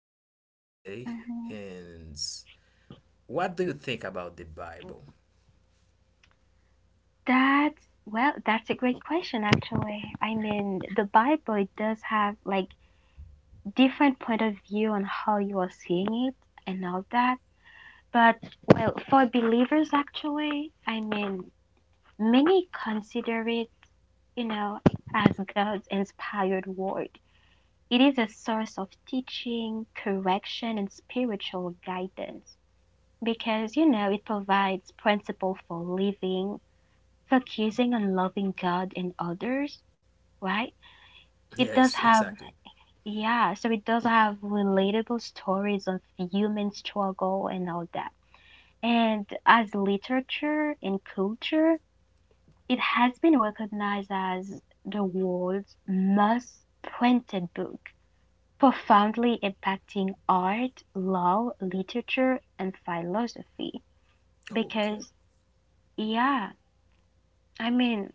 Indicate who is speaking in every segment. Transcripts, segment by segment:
Speaker 1: about today
Speaker 2: Mhm.
Speaker 1: is, what do you think about the Bible?
Speaker 2: That's that's a great question actually. I mean, the Bible it does have like different point of view on how you are seeing it and all that. But well, for believers actually, I mean, many consider it, you know, as God's inspired word. It is a source of teaching, correction, and spiritual guidance. Because you know it provides principle for living, focusing on loving God and others, right? It does
Speaker 1: Yes,
Speaker 2: have
Speaker 1: exactly.
Speaker 2: yeah, so it does have relatable stories of human struggle and all that. And as literature and culture, it has been recognized as the world's most printed book, profoundly impacting art, law, literature, and philosophy.
Speaker 1: Okay.
Speaker 2: Because, yeah, I mean,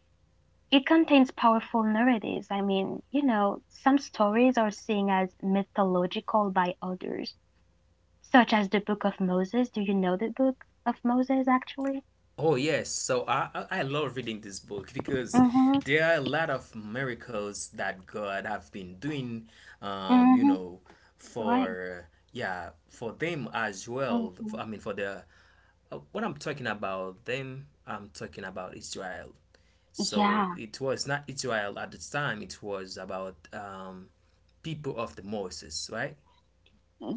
Speaker 2: it contains powerful narratives. I mean, you know, some stories are seen as mythological by others, such as the Book of Moses. Do you know the Book of Moses actually?
Speaker 1: Oh yes, so I love reading this book because
Speaker 2: Mm-hmm.
Speaker 1: there are a lot of miracles that God have been doing, um, you
Speaker 2: Mm-hmm.
Speaker 1: know, for,
Speaker 2: Right.
Speaker 1: yeah, for them as well.
Speaker 2: Mm-hmm.
Speaker 1: I mean, for the what I'm talking about them, I'm talking about Israel. So
Speaker 2: Yeah.
Speaker 1: it was not Israel at the time. It was about people of the Moses, right?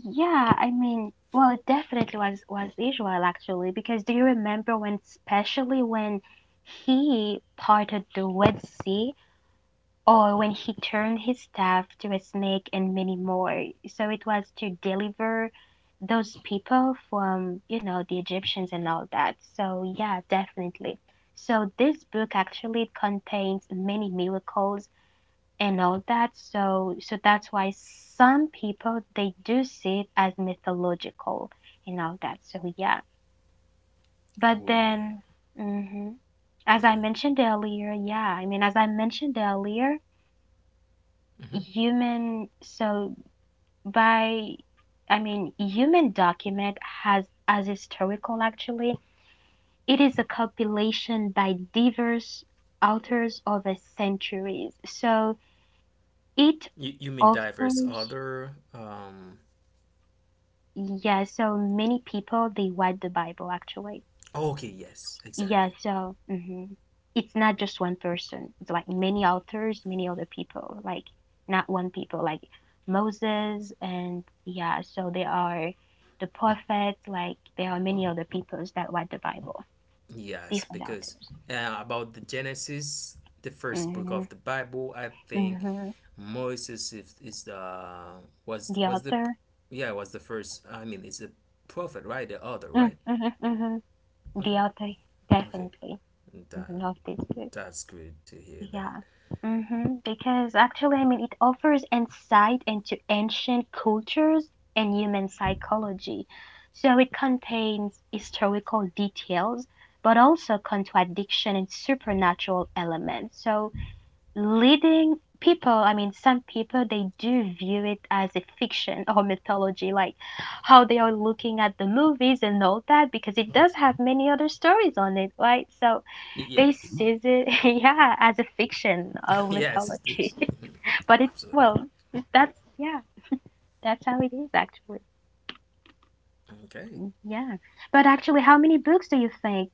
Speaker 2: Yeah, I mean, well, it definitely was Israel actually, because do you remember when, especially when he parted the Red Sea or when he turned his staff to a snake, and many more. So it was to deliver those people from, you know, the Egyptians and all that. So, yeah, definitely. So, this book actually contains many miracles and all that. So, that's why some people they do see it as mythological and all that. So, yeah. But
Speaker 1: Oh yeah.
Speaker 2: then, hmm as I
Speaker 1: Okay.
Speaker 2: mentioned earlier, as I mentioned earlier,
Speaker 1: Hmm.
Speaker 2: human so by I mean human document has as historical actually, it is a compilation by diverse authors over centuries, so it
Speaker 1: You mean diverse
Speaker 2: offers
Speaker 1: other
Speaker 2: yeah so many people they read the bible actually.
Speaker 1: Oh, okay, yes,
Speaker 2: Yeah,
Speaker 1: exactly.
Speaker 2: so mhm. It's not just one person. It's like many authors, many other people, like not one people, like Moses and yeah, so there are the prophets, like there are many other peoples that write the Bible,
Speaker 1: Yes,
Speaker 2: different
Speaker 1: because
Speaker 2: authors.
Speaker 1: about the Genesis, the first book
Speaker 2: Mm-hmm.
Speaker 1: of the Bible, I think
Speaker 2: Mm-hmm.
Speaker 1: Moses is the
Speaker 2: The
Speaker 1: was the
Speaker 2: author,
Speaker 1: yeah was the first. I mean, it's a prophet, right? The other, right?
Speaker 2: mm-hmm, mm-hmm. Mm-hmm. The
Speaker 1: Okay,
Speaker 2: author,
Speaker 1: okay,
Speaker 2: definitely
Speaker 1: that
Speaker 2: mm-hmm. Of this book.
Speaker 1: that's good to hear that.
Speaker 2: Yeah. Because actually, I mean, it offers insight into ancient cultures and human psychology. So it contains historical details, but also contradiction and supernatural elements. So leading people, I mean, some people, they do view it as a fiction or mythology, like how they are looking at the movies and all that, because it does have many other stories on it, right? So
Speaker 1: Yeah,
Speaker 2: they sees it, yeah, as a fiction of
Speaker 1: yes, it is.
Speaker 2: mythology.
Speaker 1: Mhm.
Speaker 2: But it's,
Speaker 1: Absolutely.
Speaker 2: well, that's, yeah, that's how it is actually.
Speaker 1: Okay.
Speaker 2: Yeah. But actually, how many books do you think,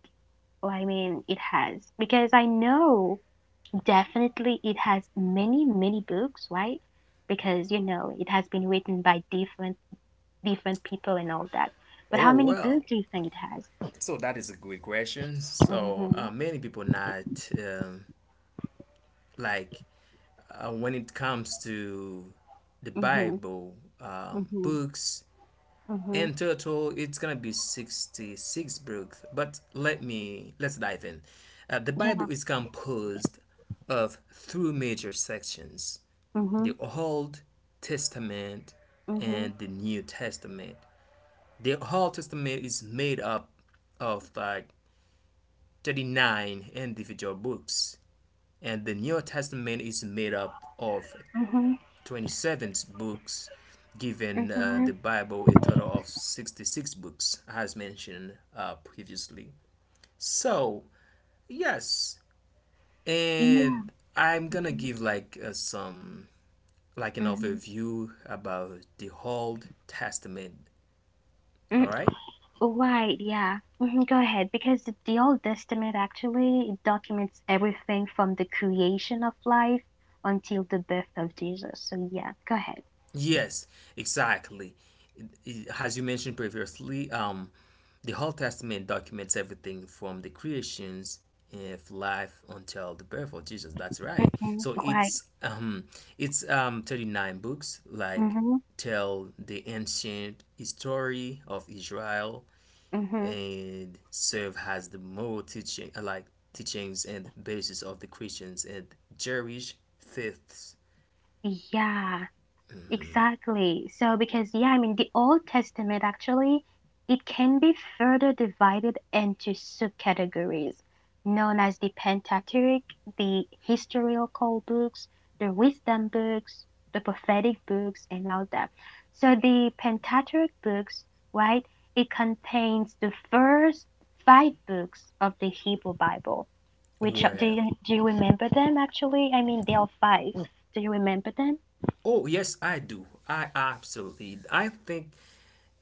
Speaker 2: well, I mean, it has? Because I know definitely it has many, many books, right? Because, you know, it has been written by different people and all that. But
Speaker 1: Oh
Speaker 2: how many books
Speaker 1: well.
Speaker 2: do you think it has?
Speaker 1: So that is a good question. So
Speaker 2: Hmm.
Speaker 1: uh, many people not, like, when it comes to the
Speaker 2: Hmm.
Speaker 1: Bible,
Speaker 2: Hmm.
Speaker 1: books,
Speaker 2: Hmm.
Speaker 1: in total, it's gonna be 66 books. But let's dive in. The
Speaker 2: Yeah.
Speaker 1: Bible is composed of three major sections:
Speaker 2: Hmm.
Speaker 1: the Old Testament
Speaker 2: Hmm.
Speaker 1: and the New Testament. The Old Testament is made up of like 39 individual books, and the New Testament is made up of 27 books,
Speaker 2: Hmm.
Speaker 1: giving
Speaker 2: Hmm.
Speaker 1: the Bible a total of 66 books, as mentioned previously. So, yes, and I'm gonna
Speaker 2: Mm,
Speaker 1: give like, some, like an
Speaker 2: mhm,
Speaker 1: overview about the Old Testament,
Speaker 2: mm.
Speaker 1: all right?
Speaker 2: Right, yeah. Mhm. Go ahead, because the Old Testament actually documents everything from the creation of life until the birth of Jesus. So yeah, go ahead.
Speaker 1: Yes, exactly. As you mentioned previously, the Old Testament documents everything from the creations of life until the birth of Jesus. That's right.
Speaker 2: Hmm.
Speaker 1: So
Speaker 2: Right.
Speaker 1: it's um it's um 39 books like
Speaker 2: Mm-hmm.
Speaker 1: tell the ancient history of Israel
Speaker 2: Mm-hmm.
Speaker 1: and serve as the moral teaching, like teachings and basis of the Christians and Jewish faiths.
Speaker 2: Yeah. Exactly. So, because, yeah, I mean, the Old Testament actually, it can be further divided into subcategories known as the Pentateuch, the historical books, the wisdom books, the prophetic books, and all that. So, the Pentateuch books, right, it contains the first five books of the Hebrew Bible. Which are- do
Speaker 1: Well,
Speaker 2: you, do you remember them actually? I mean, there are five. Do you remember them?
Speaker 1: oh yes, I do. I absolutely. I think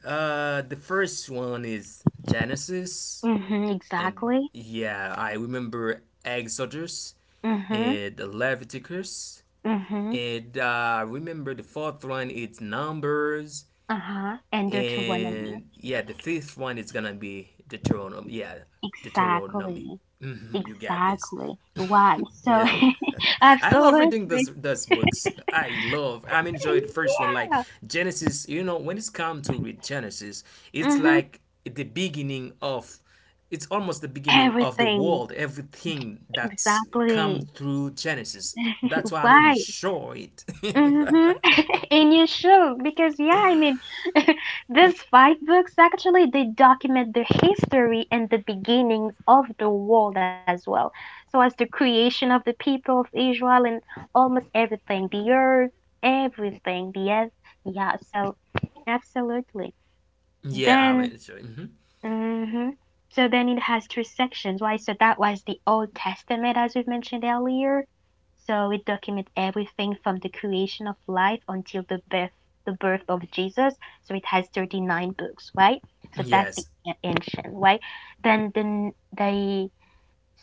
Speaker 1: The first one is Genesis,
Speaker 2: Mhm,
Speaker 1: and
Speaker 2: exactly.
Speaker 1: yeah, I remember Exodus
Speaker 2: Mhm,
Speaker 1: and Leviticus,
Speaker 2: mhm,
Speaker 1: and I remember the fourth one is Numbers,
Speaker 2: uh-huh. And Deuteronomy.
Speaker 1: and yeah, the fifth one is gonna be Deuteronomy. Yeah, Deuteronomy.
Speaker 2: Exactly.
Speaker 1: Mhm, you got this.
Speaker 2: Exactly. Why?
Speaker 1: Yeah.
Speaker 2: So
Speaker 1: I love reading those
Speaker 2: absolutely.
Speaker 1: those books. I love. I'm enjoying the first one, like
Speaker 2: Yeah.
Speaker 1: Genesis. You when it's come to read Genesis, it's
Speaker 2: Mhm.
Speaker 1: like the beginning of it's almost the beginning of the
Speaker 2: Everything.
Speaker 1: world, everything that's come
Speaker 2: Exactly.
Speaker 1: through Genesis. That's why I'm
Speaker 2: Why?
Speaker 1: enjoying it.
Speaker 2: Mm-hmm. And you should, because yeah, I mean, these five books actually they document the history and the beginnings of the world as well. So as the creation of the people of Israel and almost everything, the earth, everything, the earth. Yeah, so absolutely.
Speaker 1: Yeah, I'm
Speaker 2: Then
Speaker 1: enjoying. Mhm.
Speaker 2: mhm. So then it has three sections, right? So that was the Old Testament, as we've mentioned earlier. So it documents everything from the creation of life until the birth of Jesus. So it has 39 books, right? So that's the
Speaker 1: Yes.
Speaker 2: a- ancient, right? Then the n- the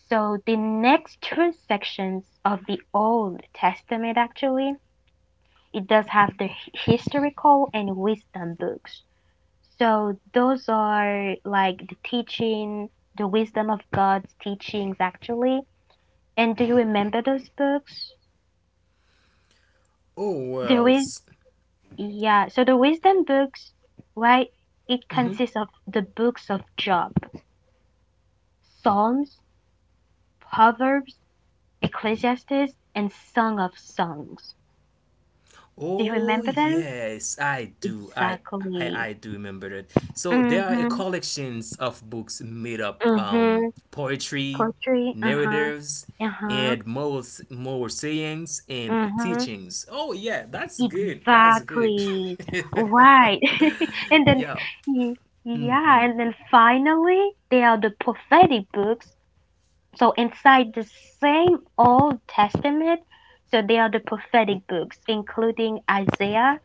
Speaker 2: so the next two sections of the Old Testament actually it does have the h- historical and wisdom books. So those are like the teaching, the wisdom of God's teachings actually. And do you remember those books?
Speaker 1: Oh,
Speaker 2: There is,
Speaker 1: worlds.
Speaker 2: yeah. So the wisdom books, right? It consists of the books of Job, Psalms, Proverbs, Ecclesiastes, and Song of Songs. Do you
Speaker 1: Oh
Speaker 2: remember them?
Speaker 1: yes, I do. I
Speaker 2: Exactly.
Speaker 1: I, I do remember that. So there are a
Speaker 2: Mm-hmm.
Speaker 1: collections of books made up
Speaker 2: Mm-hmm.
Speaker 1: poetry,
Speaker 2: Poetry. Uh-huh.
Speaker 1: narratives,
Speaker 2: Uh-huh.
Speaker 1: and moral sayings and
Speaker 2: Mm-hmm.
Speaker 1: teachings. Oh yeah, that's good. That's good.
Speaker 2: Exactly. Right. And then,
Speaker 1: Yeah,
Speaker 2: y- yeah, and then finally, there are the prophetic books. So inside the same Old Testament, so there are the prophetic books, including Isaiah,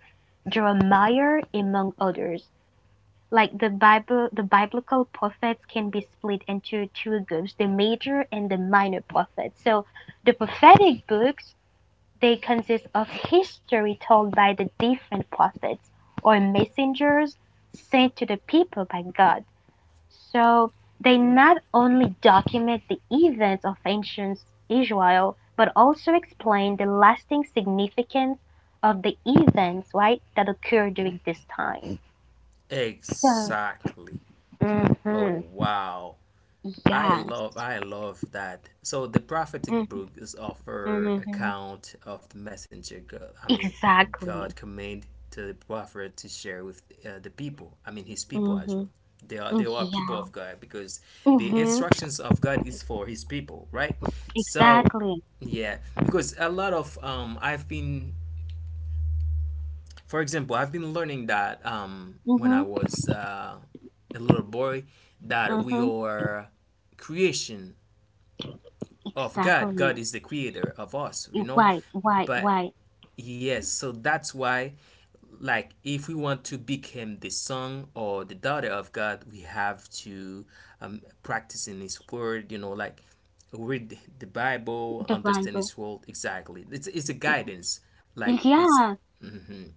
Speaker 2: Jeremiah, among others. Like the Bible, the biblical prophets can be split into two groups, the major and the minor prophets. So the prophetic books they consist of history told by the different prophets or messengers sent to the people by God. So they not only document the events of ancient Israel, but also explain the lasting significance of the events, right, that occurred during this time. So,
Speaker 1: exactly.
Speaker 2: mm
Speaker 1: Oh
Speaker 2: hmm
Speaker 1: wow. I love
Speaker 2: yes,
Speaker 1: I love that. So the prophetic
Speaker 2: mm-hmm.
Speaker 1: book is offer
Speaker 2: Mm-hmm,
Speaker 1: account of the messenger God. I mean, God
Speaker 2: exactly.
Speaker 1: command to the prophet to share with, the people. I mean, his people as
Speaker 2: Mm-hmm.
Speaker 1: well. They are people
Speaker 2: Yeah.
Speaker 1: of God because the
Speaker 2: Mm-hmm.
Speaker 1: instructions of God is for his people, right? So
Speaker 2: Exactly.
Speaker 1: yeah, because a lot of I've been for example, I've been learning that when
Speaker 2: Mm-hmm.
Speaker 1: I was, a little boy, that we
Speaker 2: Mm-hmm.
Speaker 1: are creation of God.
Speaker 2: Exactly.
Speaker 1: God is the creator of us.
Speaker 2: Why, why,
Speaker 1: But
Speaker 2: why
Speaker 1: yes, so that's why, like, if we want to become the son or the daughter of God, we have to, practice in His Word, like, read Bible,
Speaker 2: the
Speaker 1: understand
Speaker 2: Bible?
Speaker 1: His Word exactly. It's a guidance, like it's.
Speaker 2: Yeah.
Speaker 1: hmm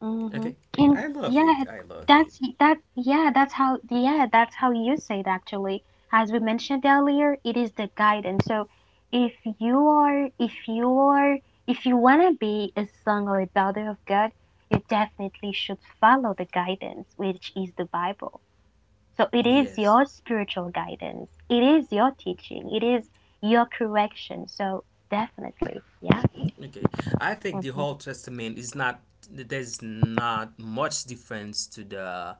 Speaker 2: Mm-hmm.
Speaker 1: Okay,
Speaker 2: And
Speaker 1: I love
Speaker 2: yeah,
Speaker 1: it. I love
Speaker 2: that's
Speaker 1: it.
Speaker 2: that. Yeah, that's how. Yeah, that's how you say it. Actually, as we mentioned earlier, it is the guidance. So, if you are, if you are, if you wanna be a son or a daughter of God, you definitely should follow the guidance, which is the Bible. So it is
Speaker 1: Yes.
Speaker 2: your spiritual guidance. It is your teaching. It is your correction. So definitely, yeah.
Speaker 1: Okay, I think the
Speaker 2: Mhm.
Speaker 1: whole Testament is not there's not much difference to the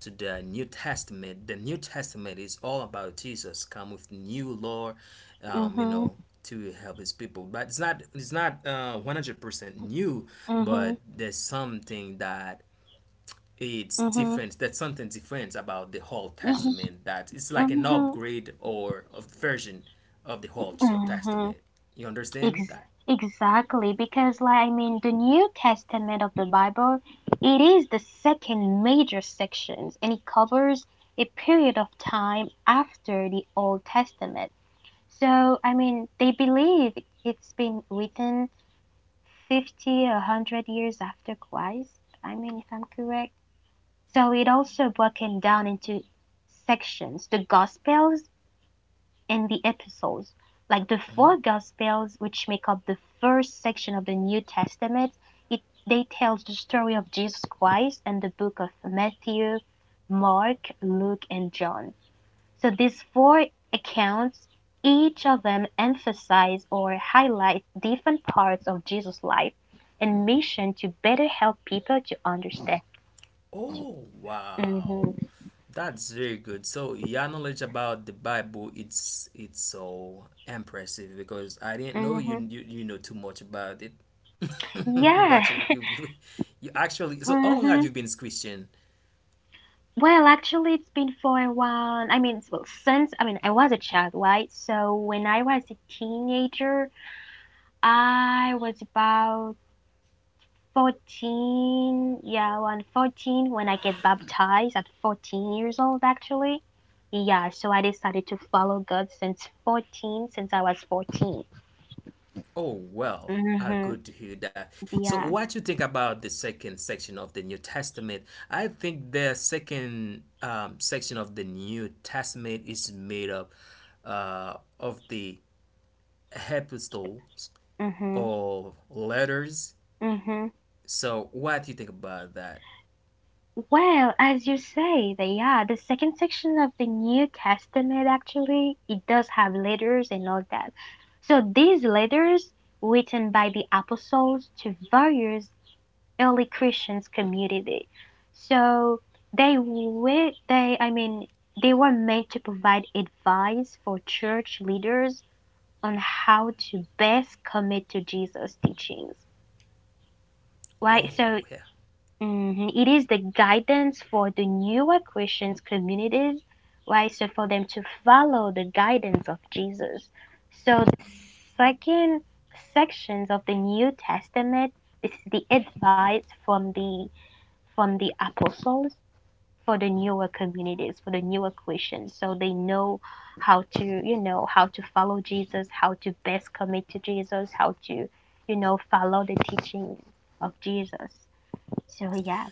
Speaker 1: to the New Testament. The New Testament is all about Jesus come with new law, um, you
Speaker 2: Mhm.
Speaker 1: know, to help his people. But it's not 100% new,
Speaker 2: Mhm.
Speaker 1: but there's something that it's
Speaker 2: Mhm.
Speaker 1: different. There's something different about the whole
Speaker 2: Mhm.
Speaker 1: Testament that it's like
Speaker 2: Mhm.
Speaker 1: an upgrade or a version of the whole
Speaker 2: Mhm.
Speaker 1: Testament. You understand me
Speaker 2: Ex-
Speaker 1: that?
Speaker 2: exactly, because like I mean, the New Testament of the Bible, it is the second major sections, and it covers a period of time after the Old Testament. So I mean, they believe it's been written 50, 100 years after Christ, I mean, if I'm correct. So it also broken down into sections the Gospels and the Epistles. Like the four Gospels, which make up the first section of the New Testament, it, they tell the story of Jesus Christ and the book of Matthew, Mark, Luke, and John. So these four accounts, each of them emphasize or highlight different parts of Jesus' life and mission to better help people to understand.
Speaker 1: Oh, wow.
Speaker 2: Mhm.
Speaker 1: That's very good. So your knowledge about the Bible, it's so impressive because I didn't know
Speaker 2: Mhm.
Speaker 1: you know too much about it.
Speaker 2: Yeah.
Speaker 1: But you actually, so how long
Speaker 2: Mm-hmm.
Speaker 1: have you been Christian?
Speaker 2: Well, actually, it's been for a while. I mean, it's- well, since I mean, I was a child, right? So when I was a teenager, I was about 14, yeah, on 14 when I get baptized at 14 years old actually. Yeah, so I decided to follow God since 14, since I was 14.
Speaker 1: Oh, well,
Speaker 2: Mm-hmm.
Speaker 1: good to hear that. So
Speaker 2: Yeah.
Speaker 1: what you think about the second section of the New Testament? I think the second, section of the New Testament is made up, of the epistles,
Speaker 2: Mm-hmm.
Speaker 1: all letters.
Speaker 2: Mm-hmm.
Speaker 1: So what do you think about that?
Speaker 2: Well, as you say, the yeah, the second section of the New Testament actually, it does have letters and all that. So these letters written by the apostles to various early Christian community. So they were they I mean they were meant to provide advice for church leaders on how to best commit to Jesus' teachings. Right?
Speaker 1: Oh
Speaker 2: So
Speaker 1: yeah.
Speaker 2: mhm, it is the guidance for the newer Christian communities, right? So for them to follow the guidance of Jesus. So the second sections of the New Testament, this is the advice from the apostles for the newer communities, for the newer Christians. So they know how to, you know, how to follow Jesus, how to best commit to Jesus, how to, you know, follow the teachings of Jesus. So yeah.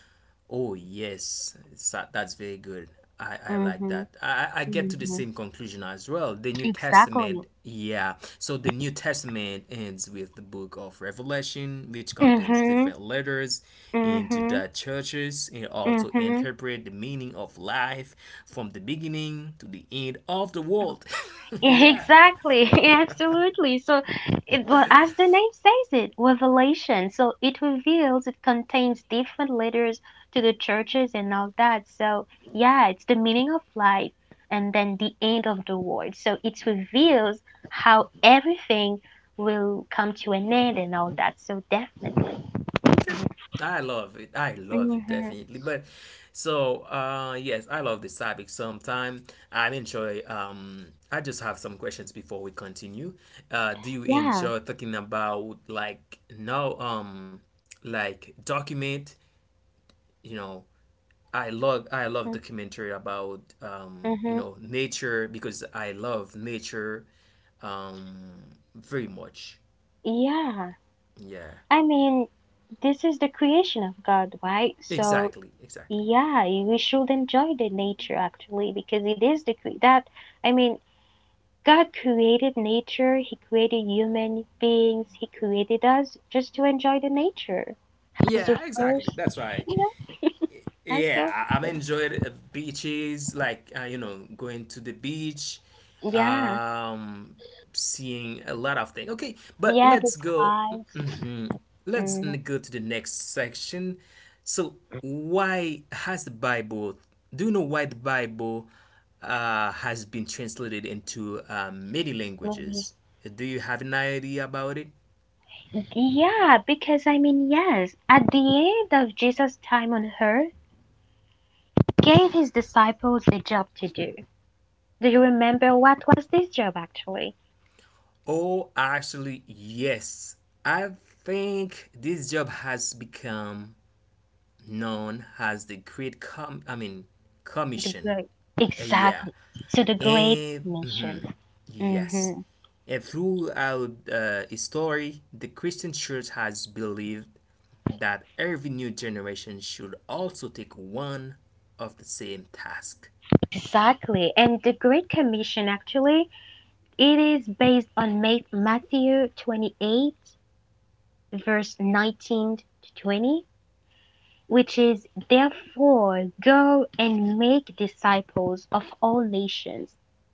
Speaker 1: Oh yes. That's very good. I like
Speaker 2: Mhm.
Speaker 1: that. I get to the
Speaker 2: Mhm.
Speaker 1: same conclusion as well. The New
Speaker 2: Exactly.
Speaker 1: Testament, yeah. So the New Testament ends with the book of Revelation, which contains
Speaker 2: Mhm.
Speaker 1: different letters into
Speaker 2: Mhm.
Speaker 1: the churches and also
Speaker 2: Mhm.
Speaker 1: interpret the meaning of life from the beginning to the end of the world. Yeah.
Speaker 2: Exactly, absolutely. So, it, well, as the name says it, revelation. So it reveals, it contains different letters to the churches and all that. So, yeah, it's the meaning of life and then the end of the world. So it reveals how everything will come to an end and all that. So definitely.
Speaker 1: Okay. I love it. I love it
Speaker 2: Mm-hmm.
Speaker 1: definitely. But so yes, I love this topic sometime. I enjoy um I just have some questions before we continue. Do you
Speaker 2: Yeah.
Speaker 1: enjoy talking about, like, no, like, document, you know, I love documentary about,
Speaker 2: Mm-hmm.
Speaker 1: nature, because I love nature, um very much.
Speaker 2: Yeah.
Speaker 1: Yeah.
Speaker 2: I mean, this is the creation of God, right? So
Speaker 1: Exactly, exactly.
Speaker 2: yeah, y- we should enjoy the nature actually because it is the cre- that I mean, God created nature, He created human beings, He created us just to enjoy the nature. It's the
Speaker 1: Yeah,
Speaker 2: first,
Speaker 1: exactly. That's why,
Speaker 2: you know, and
Speaker 1: yeah,
Speaker 2: so
Speaker 1: I'm enjoyed, beaches, like, going to the beach,
Speaker 2: yeah,
Speaker 1: um, seeing a lot of things. Okay, but
Speaker 2: yeah, the
Speaker 1: let's go.
Speaker 2: skies.
Speaker 1: Mhm. Let's
Speaker 2: Mm,
Speaker 1: go to the next section. So, why has the Bible? Do you know why the Bible, has been translated into, many
Speaker 2: maybe.
Speaker 1: languages? Do you have an idea about it?
Speaker 2: Yeah, because I mean, yes, at the end of Jesus' time on earth, gave his disciples the job to do. Do you remember what was this job actually?
Speaker 1: Oh, actually, yes. I think this job has become known as the Great Com. I mean,
Speaker 2: The
Speaker 1: Commission.
Speaker 2: great,
Speaker 1: Yeah,
Speaker 2: exactly. So the Great
Speaker 1: and
Speaker 2: Mission. Hmm.
Speaker 1: yes, and throughout, its story, the Christian Church has believed that every new generation should also take one of the same task.
Speaker 2: Exactly. And the Great Commission, actually, it is based on Ma- Matthew 28, verse 19 to 20. Which is, therefore, go and make disciples of all nations,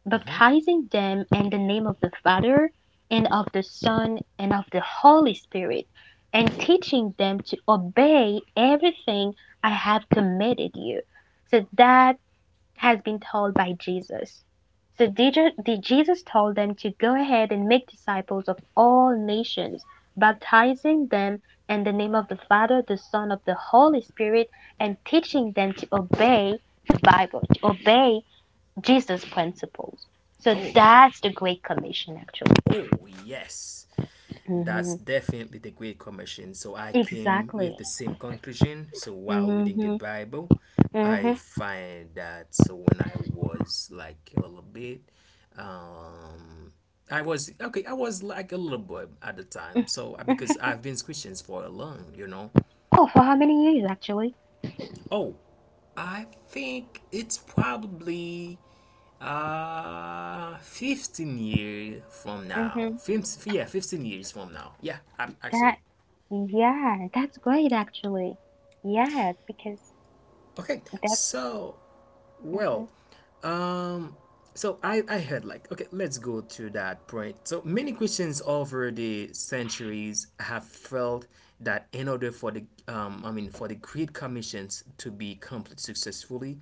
Speaker 2: baptizing them in the name of the Father, and of the Son, and of the Holy Spirit, and teaching them to obey everything I have commanded you. So that has been told by Jesus. So Jesus told them to go ahead and make disciples of all nations, baptizing them in the name of the Father, the Son, of the Holy Spirit, and teaching them to obey the Bible, to obey Jesus' principles. So
Speaker 1: Oh,
Speaker 2: that's the Great Commission, actually.
Speaker 1: oh yes.
Speaker 2: Hmm.
Speaker 1: That's definitely the Great Commission. So I came with
Speaker 2: Exactly.
Speaker 1: the same conclusion. So while reading the
Speaker 2: Hmm.
Speaker 1: Bible, I
Speaker 2: Hmm.
Speaker 1: find that, so when I was like a little bit, um, I was okay. I was like a little boy at the time. So because I've been Christians for a long.
Speaker 2: Oh, for how many years, actually?
Speaker 1: Oh, I think it's probably 15 years from now.
Speaker 2: Hmm.
Speaker 1: 15, yeah, 15 years from now. Yeah,
Speaker 2: That
Speaker 1: actually.
Speaker 2: Yeah, that's great actually. Yeah, because
Speaker 1: Okay,
Speaker 2: that
Speaker 1: so, well,
Speaker 2: mhm,
Speaker 1: um, so I heard like, okay, let's go to that point. So many Christians over the centuries have felt that in order for the I mean, for the Great Commissions to be complete successfully,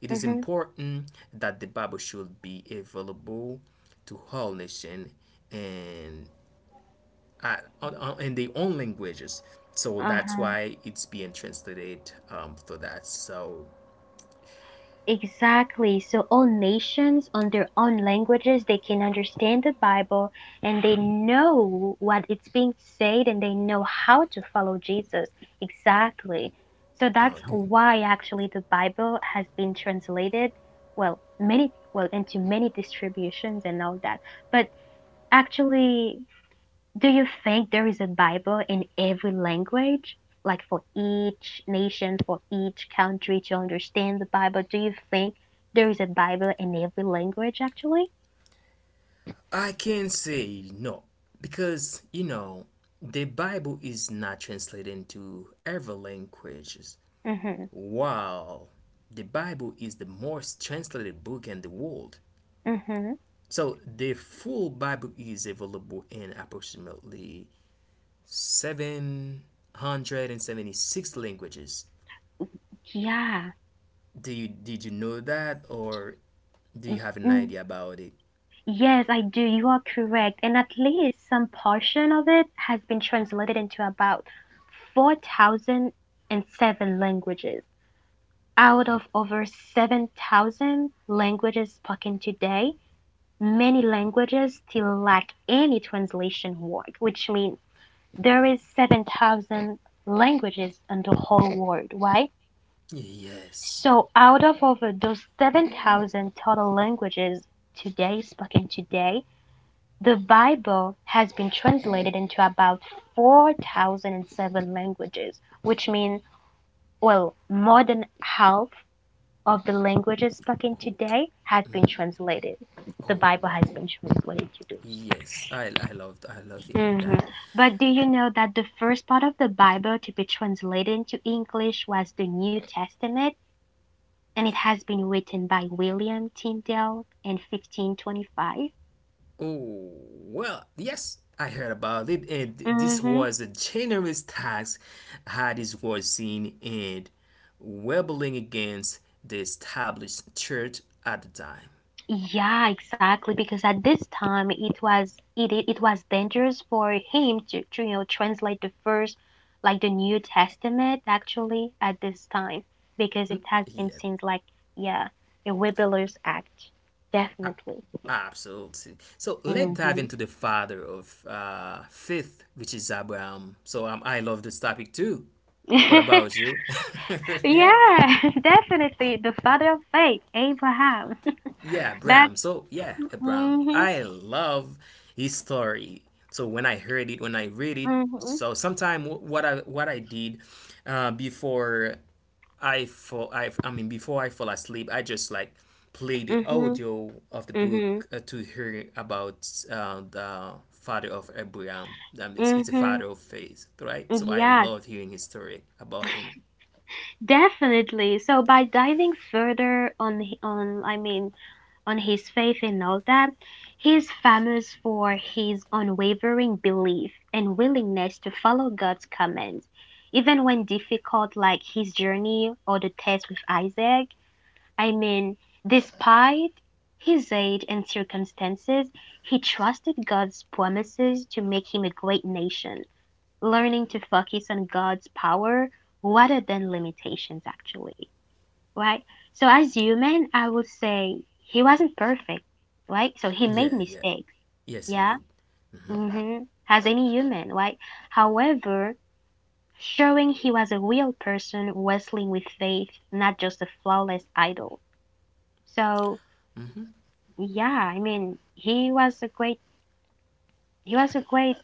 Speaker 1: it is
Speaker 2: mhm,
Speaker 1: important that the Bible should be available to all nation and in their own languages. So that's
Speaker 2: uh-huh.
Speaker 1: why it's being translated for that. So
Speaker 2: Exactly. So all nations on their own languages, they can understand the Bible and they know what it's being said and they know how to follow Jesus. Exactly. So that's
Speaker 1: okay.
Speaker 2: why actually the Bible has been translated, well, into many distributions and all that. But actually, do you think there is a Bible in every language? Like for each nation, for each country to understand the Bible? Do you think there is a Bible in every language actually?
Speaker 1: I can not say no because you know the Bible is not translated into every languages.
Speaker 2: Mm-hmm.
Speaker 1: Wow, the Bible is the most translated book in the world.
Speaker 2: Mm-hmm.
Speaker 1: So the full Bible is available in approximately 776 languages.
Speaker 2: Yeah.
Speaker 1: Do you did you know that or do
Speaker 2: Y-
Speaker 1: you have an
Speaker 2: mm.
Speaker 1: idea about it?
Speaker 2: Yes, I do. You are correct. And at least some portion of it has been translated into about 4,007 languages out of over 7,000 languages spoken today. Many languages still lack any translation work, which means there is 7,000 languages in the whole world, right?
Speaker 1: Yes.
Speaker 2: So out of over those 7,000 total languages today spoken today, the Bible has been translated into about 4,007 languages, which means, well, more than half of the languages spoken
Speaker 1: Okay.
Speaker 2: today has been translated. The
Speaker 1: Oh
Speaker 2: Bible
Speaker 1: well.
Speaker 2: has been translated to those.
Speaker 1: Yes, I loved hearing
Speaker 2: Hmm.
Speaker 1: that.
Speaker 2: But do you know that the first part of the Bible to be translated into English was the New Testament, and it has been written by William Tyndale in 1525?
Speaker 1: Oh well, yes, I heard about it, and this
Speaker 2: Mm-hmm.
Speaker 1: was a generous tax. Hadis was seen and rebelling against the established church at the time.
Speaker 2: Yeah, exactly. Because at this time, it was dangerous for him to translate the first, like the New Testament, actually at this time, because it has been
Speaker 1: Yeah,
Speaker 2: since like yeah, a Webber's Act,
Speaker 1: a-
Speaker 2: definitely.
Speaker 1: absolutely. So let's dive
Speaker 2: Mm-hmm.
Speaker 1: into the father of, faith, which is Abraham. So, I love this topic too. What about you? Yeah.
Speaker 2: Yeah, definitely the father of faith, Abraham.
Speaker 1: Yeah,
Speaker 2: That.
Speaker 1: Bram. So, yeah, Bram.
Speaker 2: Mhm.
Speaker 1: I love his story. So when I heard it, when I read it,
Speaker 2: Mhm.
Speaker 1: so sometime, what I did, before I fall, I mean, before I fall asleep, I just like play the
Speaker 2: Mhm.
Speaker 1: audio of the book,
Speaker 2: Mhm.
Speaker 1: to hear about, the father of Abraham. It's, a
Speaker 2: Mhm.
Speaker 1: father of faith, right? So I
Speaker 2: Yeah,
Speaker 1: love hearing his story about him.
Speaker 2: definitely. So by diving further on on his faith and all that, he's famous for his unwavering belief and willingness to follow God's commands. Even when difficult, like his journey or the test with Isaac, I mean, despite his age and circumstances, he trusted God's promises to make him a great nation, learning to focus on God's power rather than limitations, actually, right? So, as human, I would say he wasn't perfect, right? So, he made
Speaker 1: Yeah, yeah.
Speaker 2: mistakes,
Speaker 1: Yes, he
Speaker 2: yeah?
Speaker 1: did.
Speaker 2: Mm-hmm. As any human, right? However, showing he was a real person wrestling with faith, not just a flawless idol. So, yeah, I mean, he was a great, he was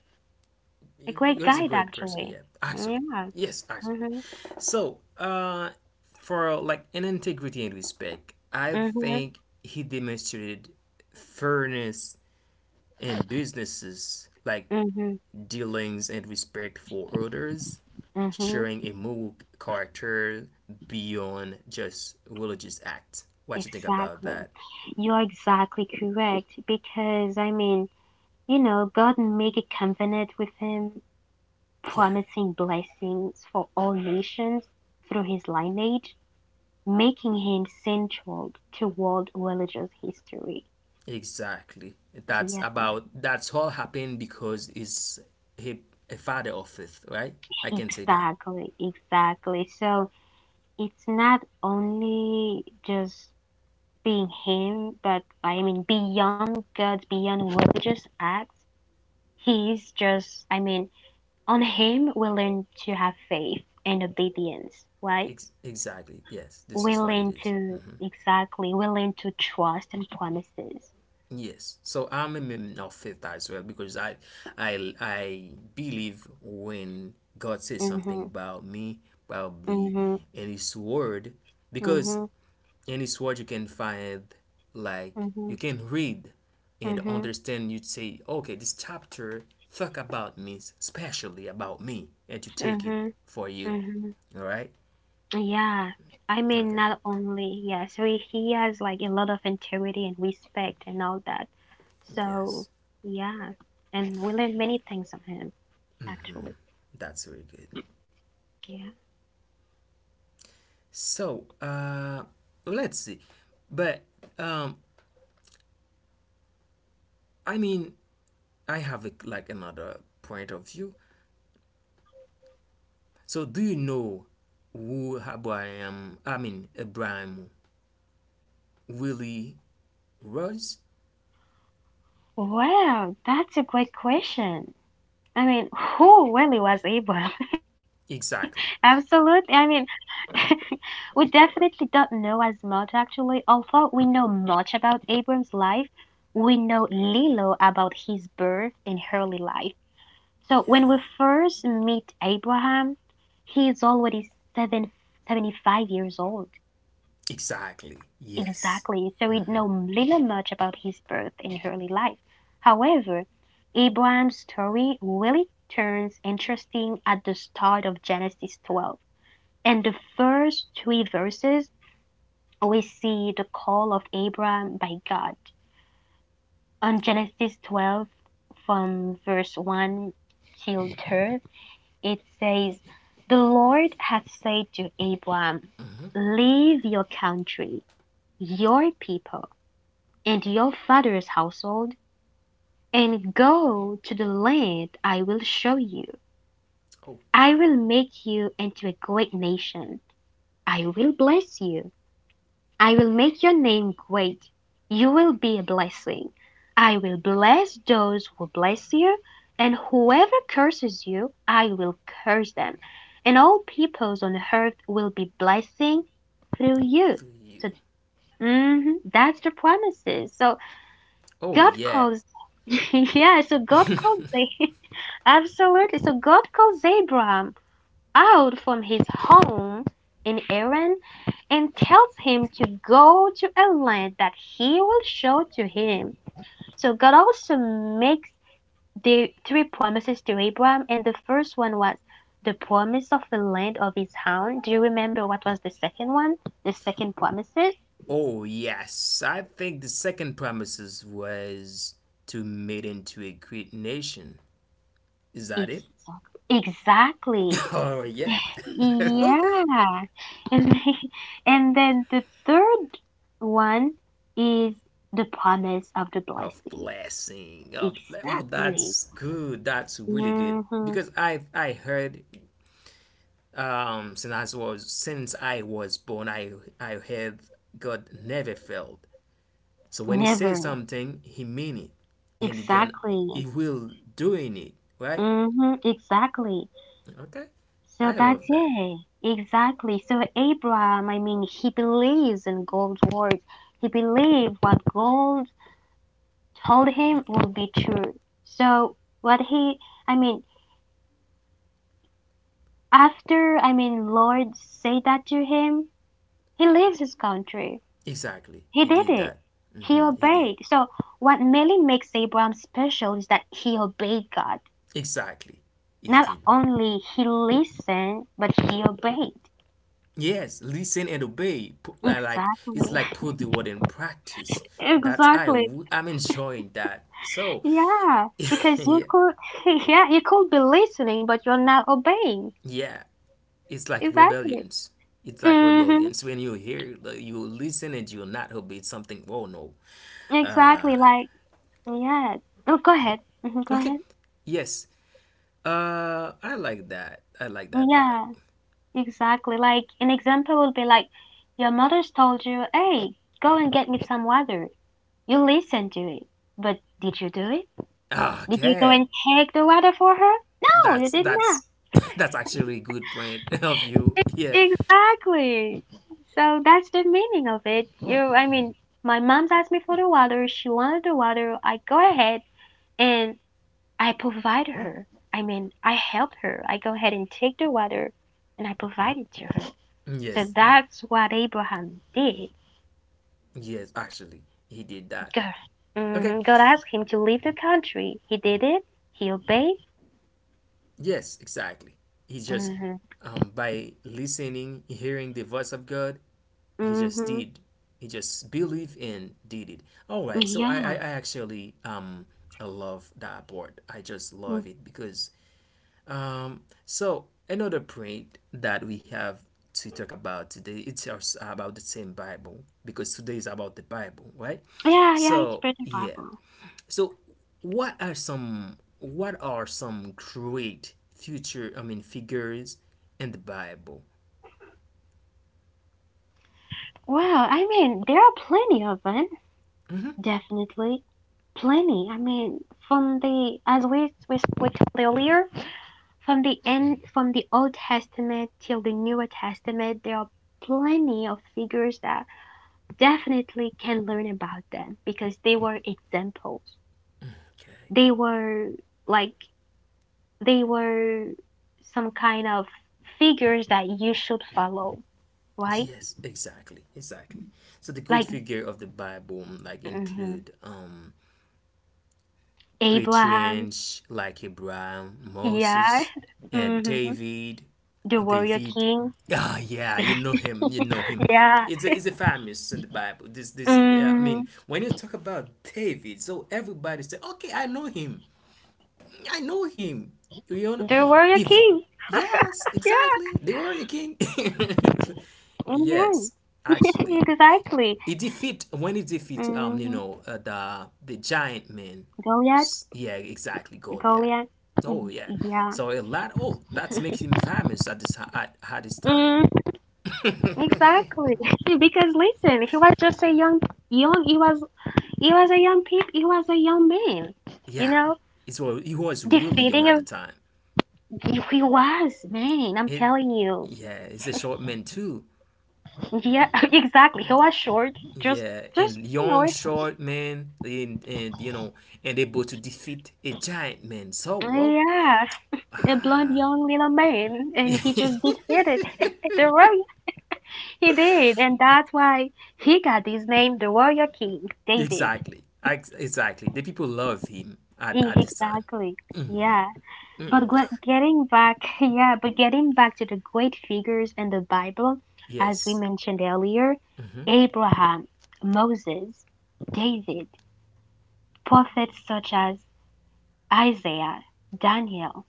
Speaker 2: a great
Speaker 1: You guys a
Speaker 2: guide
Speaker 1: great person,
Speaker 2: actually.
Speaker 1: yeah, actually.
Speaker 2: Yeah.
Speaker 1: Yes, actually.
Speaker 2: Mhm.
Speaker 1: So, for, like, an integrity and respect, I
Speaker 2: Mhm.
Speaker 1: think he demonstrated fairness in businesses, like
Speaker 2: Mhm.
Speaker 1: dealings and respect for others,
Speaker 2: Mhm.
Speaker 1: sharing a moral character beyond just religious act. What you think about
Speaker 2: Exactly.
Speaker 1: that?
Speaker 2: You are exactly correct because I mean, you know, God made a covenant with him,
Speaker 1: Yeah.
Speaker 2: promising blessings for all nations through his lineage, making him central to world religious history.
Speaker 1: Exactly.
Speaker 2: So, yeah.
Speaker 1: That's all happened because he's, he, a father of faith, right? I can say that.
Speaker 2: Exactly, exactly. So it's not only just being him, but I mean, beyond God's, beyond religious acts, he's just, I mean, on him, we learn to have faith and obedience, right?
Speaker 1: Exactly. Yes, this
Speaker 2: We
Speaker 1: is what
Speaker 2: learn
Speaker 1: it is.
Speaker 2: to,
Speaker 1: Mhm.
Speaker 2: exactly, we learn to trust and promises.
Speaker 1: Yes. So I'm a man of faith as well because I believe when God says something
Speaker 2: Mm-hmm,
Speaker 1: about me, probably
Speaker 2: mm-hmm,
Speaker 1: in his word because
Speaker 2: mm-hmm,
Speaker 1: any word you can find, like
Speaker 2: mm-hmm,
Speaker 1: you can read and
Speaker 2: mm-hmm,
Speaker 1: understand, you'd say okay, this chapter talk about me, especially about me, and to take it
Speaker 2: mm-hmm,
Speaker 1: for you.
Speaker 2: mm-hmm.
Speaker 1: All right.
Speaker 2: Yeah, I mean,
Speaker 1: Okay.
Speaker 2: not only, yeah, so he has like a lot of integrity and respect and all that. So,
Speaker 1: Yes,
Speaker 2: yeah, and we learned many things from him, actually.
Speaker 1: that's very good.
Speaker 2: Yeah.
Speaker 1: So let's see. But um i mean I have a, like, another point of view. So do you know who Abraham, Abraham really was?
Speaker 2: Wow, that's a great question. I mean, who really was able? Absolutely.
Speaker 1: Exactly.
Speaker 2: I mean, we definitely don't know as much actually. Although we know much about Abram's life, we know little about his birth and early life. So when we
Speaker 1: Yeah,
Speaker 2: first meet Abraham, he is already seven seventy five years old.
Speaker 1: exactly. Yes.
Speaker 2: Exactly. So we know little much about his birth and early life. However, Abraham's story really turns interesting at the start of Genesis 12. In the first three verses, we see the call of Abraham by God. On Genesis 12, from verse 1 till 3, it says, "The Lord had said to Abram, Leave your country, your people, and your father's household, and go to the land I will show you.
Speaker 1: Oh
Speaker 2: I will
Speaker 1: wow.
Speaker 2: make you into a great nation. I will bless you. I will make your name great. You will be a blessing. I will bless those who bless you, and whoever curses you, I will curse them. And all peoples on earth will be blessing through you."
Speaker 1: Through
Speaker 2: So
Speaker 1: you.
Speaker 2: mhm, that's the promises. So
Speaker 1: Oh
Speaker 2: God
Speaker 1: yeah.
Speaker 2: calls, yeah. So God calls Absolutely. So God calls Abraham out from his home in Iran and tells him to go to a land that he will show to him. So God also makes the three promises to Abraham, and the first one was the promise of the land of his home. Do you remember what was the second one? The second promises?
Speaker 1: Oh yes. I think the second promises was to made into a great nation. Is that it?
Speaker 2: Exactly. Exactly.
Speaker 1: Oh yeah. Okay.
Speaker 2: Yeah. And and then the third one is the promise of the
Speaker 1: Of
Speaker 2: blessing.
Speaker 1: blessing. Of the ble- oh
Speaker 2: Exactly.
Speaker 1: that's good. That's really good.
Speaker 2: Mm-hmm.
Speaker 1: Because I heard since I was born, I heard God never failed. So when he says
Speaker 2: Never.
Speaker 1: something, he mean it, and again,
Speaker 2: Exactly.
Speaker 1: he will doing it, right.
Speaker 2: Mm-hmm. Exactly.
Speaker 1: Okay,
Speaker 2: So
Speaker 1: I
Speaker 2: that's
Speaker 1: love that.
Speaker 2: it. Exactly. So Abraham, I mean, he believes in God's words. He believed what God told him will be true. So what he, I mean, after, I mean, Lord said that to him, he leaves his country.
Speaker 1: Exactly,
Speaker 2: He
Speaker 1: he
Speaker 2: did
Speaker 1: did
Speaker 2: it.
Speaker 1: that.
Speaker 2: He
Speaker 1: He did.
Speaker 2: obeyed. So what really makes Abraham special is that he obeyed God.
Speaker 1: Exactly, he
Speaker 2: Not
Speaker 1: did.
Speaker 2: only he listened, but he obeyed.
Speaker 1: Yes, listen and obey. Put, li- like it's
Speaker 2: Exactly.
Speaker 1: like put the word in practice. That's I
Speaker 2: Exactly.
Speaker 1: w- I'm enjoying that. So,
Speaker 2: Yeah. Because you
Speaker 1: yeah,
Speaker 2: could, yeah, you could be listening, but you're not obeying.
Speaker 1: yeah, it's like
Speaker 2: Exactly.
Speaker 1: rebellions. It's like
Speaker 2: Mm-hmm.
Speaker 1: rebellions when you hear like, you listen and you're not obey something. Oh no.
Speaker 2: Exactly. Like, yeah. Oh, go ahead. Hmm. Go
Speaker 1: Okay.
Speaker 2: ahead.
Speaker 1: Yes. I like that. I like that. But
Speaker 2: Yeah, exactly. Like an example would be like your mother's told you, "Hey, go and get me some water." You listen to it, but did you do it? Did you go
Speaker 1: okay,
Speaker 2: and take the water for her? No, you
Speaker 1: that's
Speaker 2: did.
Speaker 1: that's that's actually a good point of you. Yeah.
Speaker 2: Exactly. So that's the meaning of it. You, I mean, my mom's asked me for the water. She wanted the water. I go ahead and I provide her. I mean, I help her. I go ahead and take the water and I provide it to her.
Speaker 1: Yes.
Speaker 2: So that's what Abraham did.
Speaker 1: Yes. Actually, he did that.
Speaker 2: God,
Speaker 1: Okay.
Speaker 2: God asked him to leave the country. He did it. He obeyed.
Speaker 1: Yes. Exactly. He just
Speaker 2: Hmm.
Speaker 1: by listening, hearing the voice of God, he just did.
Speaker 2: Hmm.
Speaker 1: He just believed and did it. All right. So I
Speaker 2: Yeah.
Speaker 1: actually I love that part. I just love it
Speaker 2: Mm.
Speaker 1: because so another point that we have to talk about today, it's also about the same Bible, because today is about the Bible, right? So
Speaker 2: Yeah,
Speaker 1: yeah.
Speaker 2: yeah, it's pretty
Speaker 1: So
Speaker 2: Bible.
Speaker 1: what are some great future, I mean, figures in the Bible?
Speaker 2: Well, I mean, there are plenty of them, definitely. Plenty. I mean, from the as we spoke earlier, from the end from the Old Testament till the Newer Testament, there are plenty of figures that definitely can learn about them because they were
Speaker 1: Okay.
Speaker 2: examples. They were like they were some kind of figures that you should
Speaker 1: Yes,
Speaker 2: follow,
Speaker 1: exactly,
Speaker 2: right?
Speaker 1: exactly. So the great figure of the Bible
Speaker 2: Like
Speaker 1: like include
Speaker 2: mhm.
Speaker 1: patriarchs like Abraham,
Speaker 2: Abraham,
Speaker 1: Moses, and David.
Speaker 2: yeah, hmm
Speaker 1: David, ah, oh,
Speaker 2: the
Speaker 1: yeah, you
Speaker 2: warrior
Speaker 1: know him, you
Speaker 2: king,
Speaker 1: know him. It's a famous in the Bible.
Speaker 2: yeah.
Speaker 1: This I mean, when you talk about David,
Speaker 2: Mhm.
Speaker 1: so everybody say, okay, I know him, I know him. You know,
Speaker 2: They were a
Speaker 1: if
Speaker 2: king.
Speaker 1: yes,
Speaker 2: Yeah,
Speaker 1: exactly, they were a king.
Speaker 2: yeah,
Speaker 1: Yes, actually,
Speaker 2: exactly.
Speaker 1: he defeat when he defeat you
Speaker 2: Hmm.
Speaker 1: know the giant man.
Speaker 2: Goliath,
Speaker 1: Yeah, exactly. God. Yeah.
Speaker 2: Goliath.
Speaker 1: Oh yeah.
Speaker 2: Y-
Speaker 1: So a
Speaker 2: Yeah.
Speaker 1: lot. Oh, that's makes him famous at this, at this time.
Speaker 2: Mm, exactly. Because listen, he was just a young, young. He was a young peep. He was a young man.
Speaker 1: Yeah.
Speaker 2: You know,
Speaker 1: It's well, he was really young at the
Speaker 2: defeating a.
Speaker 1: time.
Speaker 2: He was man.
Speaker 1: It.
Speaker 2: I'm telling you.
Speaker 1: Yeah, he's a short man too.
Speaker 2: Yeah, exactly. He was short. Just,
Speaker 1: Yeah, and
Speaker 2: just
Speaker 1: young
Speaker 2: you know.
Speaker 1: short man, and you know, and able to defeat a giant man. So whoa.
Speaker 2: Yeah, a blonde young little man, and he just defeated the. He did, and that's why he got his name, the Warrior King, David.
Speaker 1: Exactly. Ex- exactly. The people love him, at this time.
Speaker 2: Exactly. Yeah. But getting back, yeah, but getting back to the great figures in the Bible, as we
Speaker 1: Yes.
Speaker 2: mentioned earlier, Abraham, Moses, David, prophets such as Isaiah, Daniel.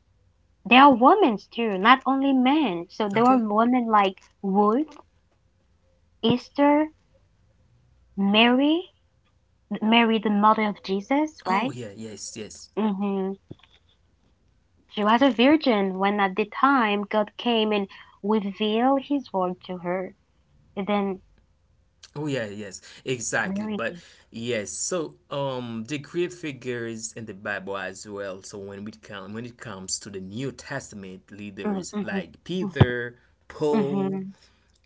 Speaker 2: They are women too, not only men. So there were
Speaker 1: Okay.
Speaker 2: women like Ruth, Esther, Mary, Mary the mother of Jesus,
Speaker 1: Oh
Speaker 2: right?
Speaker 1: yeah, yes, yes.
Speaker 2: Hmm. She was a virgin when at the time God came and revealed his word to her. And then
Speaker 1: Oh yeah, yes. Exactly.
Speaker 2: Mary.
Speaker 1: But yes, so the great figures in the Bible as well. So when it comes to the New Testament
Speaker 2: Mm-hmm.
Speaker 1: leaders like
Speaker 2: Mm-hmm.
Speaker 1: Peter, Paul,
Speaker 2: Mm-hmm.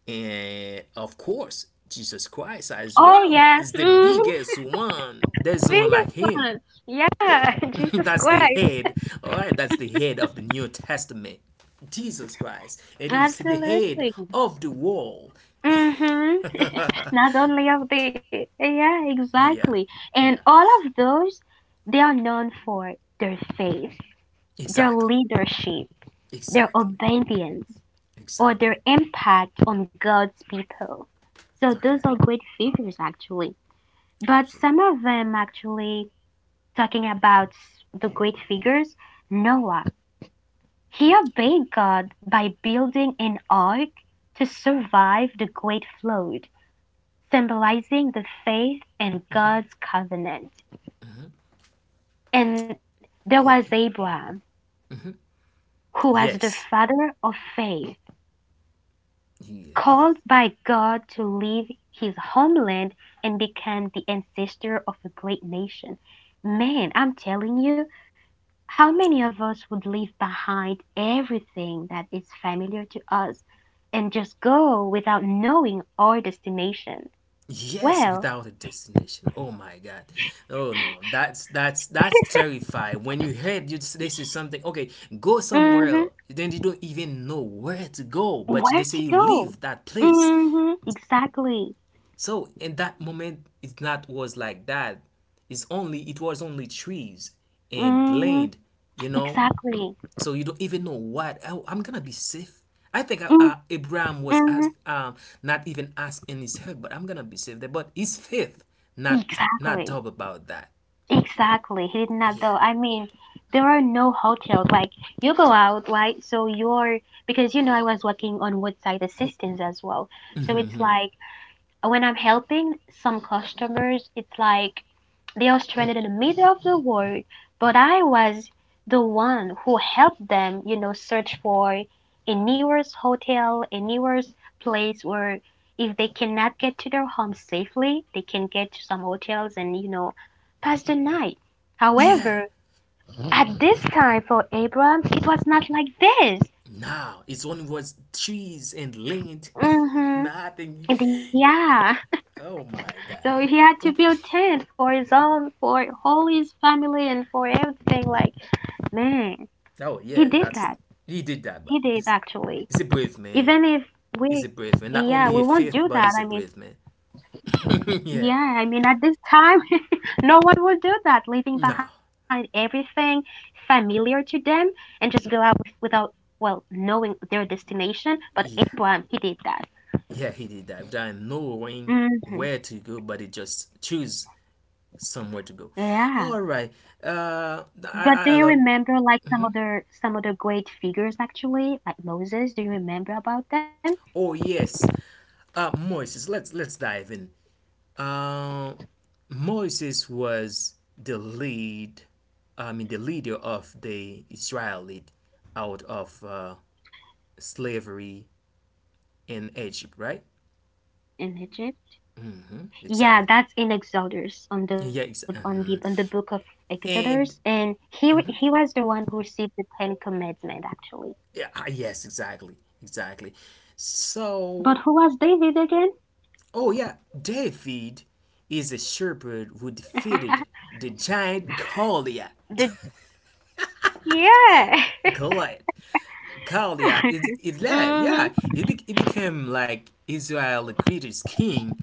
Speaker 1: and of course Jesus Christ as
Speaker 2: Oh,
Speaker 1: well
Speaker 2: yeah.
Speaker 1: is the
Speaker 2: Mm-hmm.
Speaker 1: biggest one. There's no one
Speaker 2: Video
Speaker 1: like him.
Speaker 2: fun. Yeah, Jesus
Speaker 1: That's the
Speaker 2: Christ.
Speaker 1: head. Alright, that's the head of the New Testament. Jesus Christ. It is the head
Speaker 2: Absolutely.
Speaker 1: of the world.
Speaker 2: Mm-hmm. Not only of the, yeah, exactly.
Speaker 1: Yeah,
Speaker 2: And
Speaker 1: yeah,
Speaker 2: all of those, they are known for their faith, their
Speaker 1: exactly,
Speaker 2: leadership, their
Speaker 1: exactly,
Speaker 2: obedience, or their
Speaker 1: exactly.
Speaker 2: impact on God's people. So those
Speaker 1: Okay,
Speaker 2: are great figures actually. But
Speaker 1: absolutely.
Speaker 2: some of them, actually, talking about the great figures, Noah. He obeyed God by building an ark to survive the great flood, symbolizing the faith and God's covenant. And there was
Speaker 1: Yeah,
Speaker 2: Abraham, who was the
Speaker 1: yes,
Speaker 2: father of faith, called
Speaker 1: yes,
Speaker 2: by God to leave his homeland and become the ancestor of a great nation. Man, I'm telling you, how many of us would leave behind everything that is familiar to us and just go without knowing our destination?
Speaker 1: yes.
Speaker 2: Well,
Speaker 1: Without a destination. Oh my God. Oh no, that's that's terrifying. When you heard you, this is something. Okay, go somewhere
Speaker 2: mm-hmm,
Speaker 1: else. Then you don't even know where to go. But
Speaker 2: where
Speaker 1: they say
Speaker 2: to
Speaker 1: you
Speaker 2: go?
Speaker 1: leave that place.
Speaker 2: Mm-hmm, exactly.
Speaker 1: So in that moment, it's not was like that. It's only, it was only trees and
Speaker 2: Mm-hmm,
Speaker 1: land. You know,
Speaker 2: exactly.
Speaker 1: so you don't even know what, oh, I'm gonna be safe. I think Abraham was
Speaker 2: Mm-hmm,
Speaker 1: as not even asked in his head, but I'm gonna be safe there. But his faith, not
Speaker 2: exactly.
Speaker 1: doubt about that.
Speaker 2: Exactly. He did not
Speaker 1: Yeah,
Speaker 2: though. I mean, there are no hotels. Like you go out, right? So you're, because you know I was working on roadside assistance as well. So it's like when I'm helping some customers, it's like they are stranded in the middle of the world, but I was the one who helped them, search for a nearest hotel, a nearest place where if they cannot get to their home safely, they can get to some hotels and, pass the night.
Speaker 1: yeah.
Speaker 2: However, at this time for Abraham, it was not like this.
Speaker 1: Now his own was trees and land,
Speaker 2: Mm-hmm.
Speaker 1: nothing.
Speaker 2: Yeah.
Speaker 1: Oh my God.
Speaker 2: So he had to build tent for his own, for all his family and for everything. Like, man,
Speaker 1: Oh
Speaker 2: he
Speaker 1: yeah,
Speaker 2: did
Speaker 1: that's
Speaker 2: that.
Speaker 1: he did that,
Speaker 2: He
Speaker 1: but
Speaker 2: did
Speaker 1: he's
Speaker 2: actually.
Speaker 1: he's a brave man.
Speaker 2: Even if we,
Speaker 1: He's a brave man. Not
Speaker 2: yeah, we
Speaker 1: only a
Speaker 2: won't
Speaker 1: faith,
Speaker 2: do
Speaker 1: but
Speaker 2: that.
Speaker 1: he's a brave man. Yeah.
Speaker 2: At this time, no one will do that, leaving
Speaker 1: No.
Speaker 2: behind everything familiar to them and just go out without, knowing their destination. But
Speaker 1: Yeah.
Speaker 2: Abraham, he did that.
Speaker 1: Yeah, he did that without knowing
Speaker 2: Mm-hmm.
Speaker 1: where to go, but he just choose somewhere to go. All
Speaker 2: Yeah.
Speaker 1: right. Uh,
Speaker 2: But
Speaker 1: I
Speaker 2: do you
Speaker 1: love.
Speaker 2: remember like some other great figures actually, like Moses? Do you remember about them
Speaker 1: Oh yes. Moses. Let's dive in. Uh, Moses was the lead. I mean, the leader of the Israelite out of slavery in Egypt, right?
Speaker 2: in Egypt? Yeah, that's in
Speaker 1: Exactly.
Speaker 2: Exodus on the
Speaker 1: Yeah.
Speaker 2: book
Speaker 1: Ex-
Speaker 2: of
Speaker 1: mhm.
Speaker 2: Exodus, and
Speaker 1: And
Speaker 2: he was the one who received the Ten Commandment actually.
Speaker 1: yeah, ah, yes, exactly, exactly.
Speaker 2: But who
Speaker 1: So
Speaker 2: was David again?
Speaker 1: oh yeah, David is a shepherd who defeated the giant Goliath.
Speaker 2: the yeah.
Speaker 1: Goliath. Goliath is like yeah.
Speaker 2: Mhm.
Speaker 1: It, be, it became like Israel the greatest king,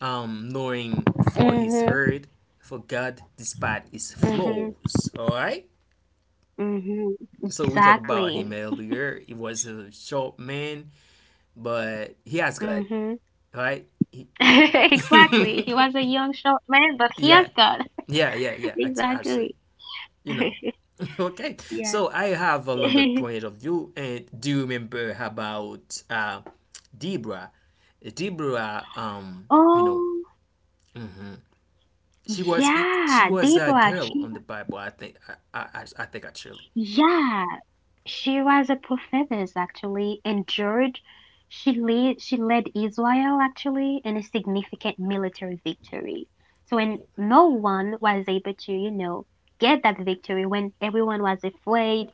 Speaker 1: knowing for his
Speaker 2: Mhm.
Speaker 1: herd, for God despite his
Speaker 2: Mhm.
Speaker 1: flaws. All right.
Speaker 2: Mhm.
Speaker 1: So we talked about him
Speaker 2: Exactly.
Speaker 1: earlier. He was a short man, but he has God.
Speaker 2: Mhm.
Speaker 1: All right. He-
Speaker 2: exactly. He was a young short man, but he has
Speaker 1: yeah.
Speaker 2: God.
Speaker 1: Yeah, yeah, yeah. Actually, actually,
Speaker 2: exactly.
Speaker 1: you know. Okay,
Speaker 2: yeah.
Speaker 1: so I have another point of view, and do you remember about Deborah? Deborah. You know,
Speaker 2: oh
Speaker 1: she was she
Speaker 2: yeah,
Speaker 1: was a
Speaker 2: Deborah.
Speaker 1: girl
Speaker 2: She
Speaker 1: on the Bible. I think I think actually,
Speaker 2: yeah. She was a prophetess actually, and George, she led Israel actually in a significant military victory. So when no one was able to, you know, get that victory when everyone was afraid,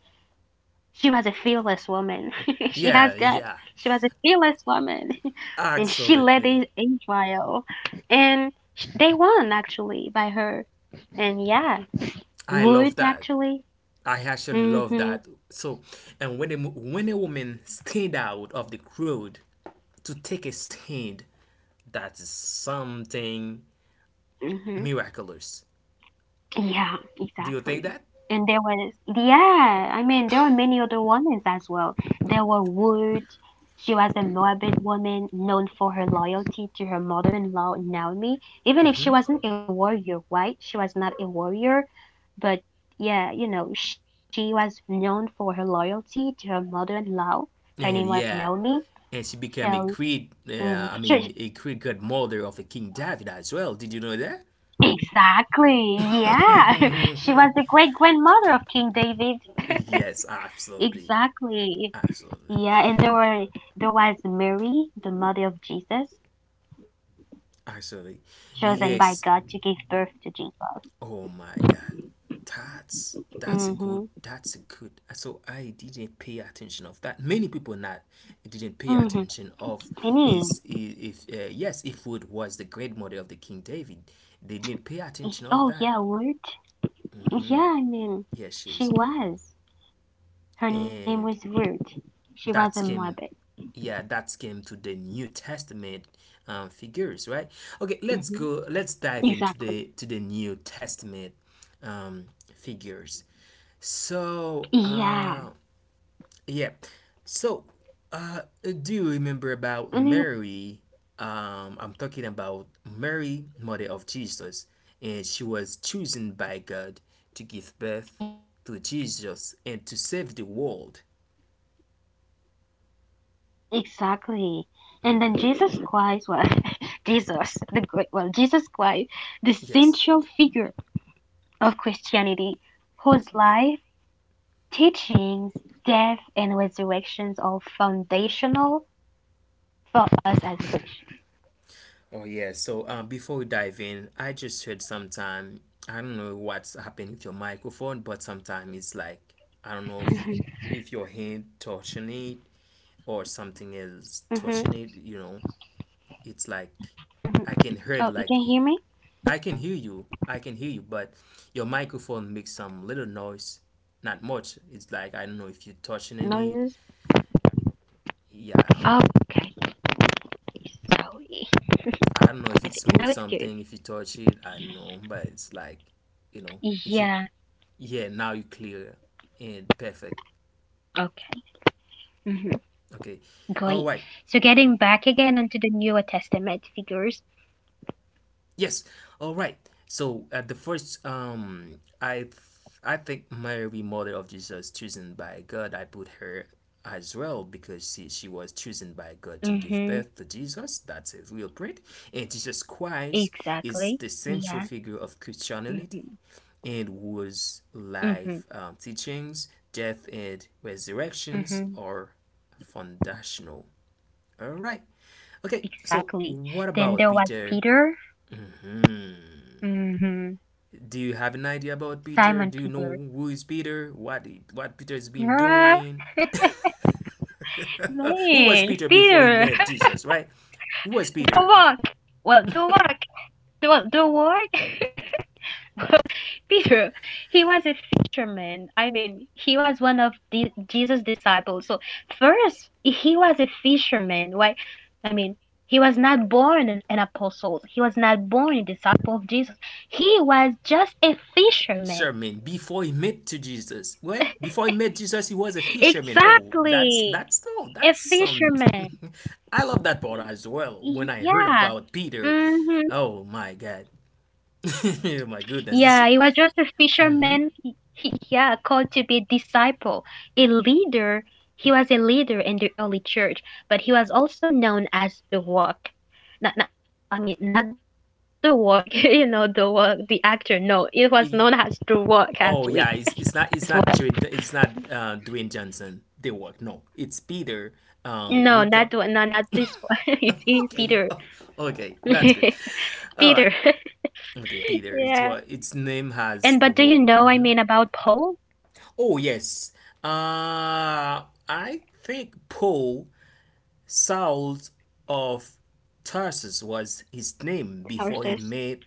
Speaker 2: she was a fearless woman. she has
Speaker 1: yeah,
Speaker 2: God.
Speaker 1: yeah,
Speaker 2: She was a fearless woman, and she led
Speaker 1: absolutely.
Speaker 2: Israel, and they won actually by her. And yeah,
Speaker 1: I love
Speaker 2: wood
Speaker 1: that.
Speaker 2: actually.
Speaker 1: I actually love that.
Speaker 2: Mhm.
Speaker 1: So, and when a mo- when a woman stayed out of the crowd to take a stand, that is something
Speaker 2: Mhm.
Speaker 1: miraculous.
Speaker 2: Yeah,
Speaker 1: Do you think
Speaker 2: exactly.
Speaker 1: that?
Speaker 2: And there was, yeah, there were many other women as well. There were Wood. She was a Moabit woman known for her loyalty to her mother-in-law, Naomi. Even if she wasn't a warrior, right? She was not a warrior, but yeah, you know, she was known for her loyalty to her mother-in-law. Her name was
Speaker 1: And yeah,
Speaker 2: Naomi.
Speaker 1: and she became a
Speaker 2: So,
Speaker 1: great,
Speaker 2: mm,
Speaker 1: I
Speaker 2: she,
Speaker 1: mean, a great godmother of the King David as well. Did you know that?
Speaker 2: exactly, yeah. She was the great grandmother of King David.
Speaker 1: Yes, absolutely,
Speaker 2: Exactly.
Speaker 1: absolutely,
Speaker 2: Yeah, and there was Mary, the mother of Jesus,
Speaker 1: absolutely.
Speaker 2: chosen by God to
Speaker 1: Yes.
Speaker 2: give birth to Jesus.
Speaker 1: Oh my God, that's a
Speaker 2: Mhm.
Speaker 1: good, that's a good. So I didn't pay attention of that. Many people not didn't pay
Speaker 2: Mhm.
Speaker 1: attention of
Speaker 2: Penny.
Speaker 1: is if yes, if Wood was the great mother of the King David, they didn't pay attention of
Speaker 2: Oh
Speaker 1: that.
Speaker 2: yeah, Ruth. Yeah,
Speaker 1: Yes, she's
Speaker 2: she was. Her name was
Speaker 1: and
Speaker 2: Ruth. She was a
Speaker 1: that
Speaker 2: Moabit.
Speaker 1: came, yeah, that came to the New Testament, figures, right? Okay, let's
Speaker 2: Mhm.
Speaker 1: go, let's dive into
Speaker 2: Exactly.
Speaker 1: the to the New Testament, um, figures. So
Speaker 2: Yeah.
Speaker 1: yeah. So uh do you remember about
Speaker 2: I mean,
Speaker 1: Mary? I'm talking about Mary, mother of Jesus, and she was chosen by God
Speaker 2: yeah.
Speaker 1: to give birth to Jesus and to save the world.
Speaker 2: Exactly. And then Jesus Christ, well, Jesus, the great, well, Jesus Christ, the central figure
Speaker 1: Yes.
Speaker 2: of Christianity, whose life, teachings, death, and resurrections are foundational for us as Christians.
Speaker 1: Oh yeah. So before we dive in, I just heard sometime I don't know what's happened with your microphone, but sometime it's like I don't know if you, if your hand touching it or something else
Speaker 2: hmm hmm
Speaker 1: touching it. You know, it's like
Speaker 2: hmm
Speaker 1: I can hear it
Speaker 2: Oh, you
Speaker 1: like
Speaker 2: can hear me?
Speaker 1: I can hear you. I can hear you, but your microphone makes some little noise. Not much. It's like I don't know if you're
Speaker 2: Noises?
Speaker 1: touching it.
Speaker 2: Oh,
Speaker 1: Yeah,
Speaker 2: okay. Sorry.
Speaker 1: I don't
Speaker 2: I
Speaker 1: know if it
Speaker 2: think now it's
Speaker 1: smooth
Speaker 2: good.
Speaker 1: something. If you touch it, I don't know. But it's like, you know, if you,
Speaker 2: Yeah,
Speaker 1: yeah, now you clear and perfect.
Speaker 2: okay. hmm
Speaker 1: Okay.
Speaker 2: Great.
Speaker 1: All right.
Speaker 2: So, getting back again onto the New Testament figures.
Speaker 1: Yes. All right. So at the first, I think Mary, mother of Jesus, chosen by God, I put her as well because she was chosen by God to
Speaker 2: Hmm
Speaker 1: give birth to Jesus. That's a real print. And Jesus Christ
Speaker 2: Exactly.
Speaker 1: is the
Speaker 2: Yeah.
Speaker 1: central figure of
Speaker 2: hmm
Speaker 1: Christianity and whose
Speaker 2: hmm
Speaker 1: life, teachings, death, and
Speaker 2: hmm
Speaker 1: resurrections are foundational. All right. Okay, so
Speaker 2: Exactly.
Speaker 1: what
Speaker 2: Then there
Speaker 1: about
Speaker 2: was
Speaker 1: Peter?
Speaker 2: Peter. Hmm
Speaker 1: Do you have an idea about
Speaker 2: Simon
Speaker 1: Peter? Do you
Speaker 2: Peter.
Speaker 1: know who is Peter? What Peter has been
Speaker 2: Ah,
Speaker 1: doing? Who was
Speaker 2: man,
Speaker 1: Peter before he
Speaker 2: Peter,
Speaker 1: met Jesus, right? Who was
Speaker 2: don't
Speaker 1: Peter?
Speaker 2: walk. Well, don't walk. Don't walk. well, Peter, he was a fisherman. He was one of the Jesus' disciples. So first, he was a fisherman. Why? I mean, he was not born an apostle. He was not born a disciple of Jesus. He was just a fisherman.
Speaker 1: Sherman before he met to Jesus, right? Before he met Jesus, he was a fisherman. Oh, that's
Speaker 2: Exactly,
Speaker 1: that's oh
Speaker 2: a
Speaker 1: that's something.
Speaker 2: fisherman.
Speaker 1: I love that part as well. When I heard
Speaker 2: Yeah.
Speaker 1: about Peter,
Speaker 2: hmm
Speaker 1: oh my God, my goodness, this
Speaker 2: Yeah, he was just a fisherman. Yeah, called to be a disciple, a leader. He was a leader in the early church, but he was also known as the Rock. Not, not, I mean, not the Rock, you know, the Rock, the actor. No, it was known as the Rock
Speaker 1: oh yeah,
Speaker 2: actually.
Speaker 1: it's not, it's
Speaker 2: As well.
Speaker 1: not Jared, it's not Dwayne Johnson. They work. No, it's Peter. Um,
Speaker 2: No,
Speaker 1: we co-
Speaker 2: not the one- no, not this one. It is
Speaker 1: okay,
Speaker 2: Peter.
Speaker 1: oh, okay, that's good. All right,
Speaker 2: Peter.
Speaker 1: okay, Peter. It's
Speaker 2: Yeah.
Speaker 1: what its name has the
Speaker 2: And but do
Speaker 1: work.
Speaker 2: you know about Paul?
Speaker 1: Oh yes. Uh, I think Paul, Saul of Tarsus was his name before he met
Speaker 2: Horses.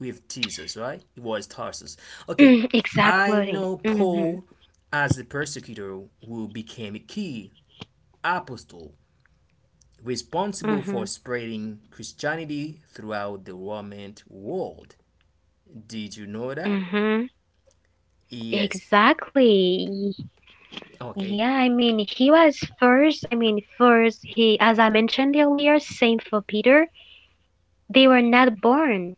Speaker 1: with Jesus, right? It was Tarsus. Okay,
Speaker 2: Mm,
Speaker 1: I know
Speaker 2: exactly.
Speaker 1: Paul
Speaker 2: Mm-hmm.
Speaker 1: as the persecutor who became a key apostle responsible for
Speaker 2: Mm-hmm.
Speaker 1: spreading Christianity throughout the Roman world. Did you know that?
Speaker 2: Mm-hmm.
Speaker 1: Yes.
Speaker 2: Exactly.
Speaker 1: Okay.
Speaker 2: Yeah, he was first. First, he, as I mentioned earlier, same for Peter. They were not born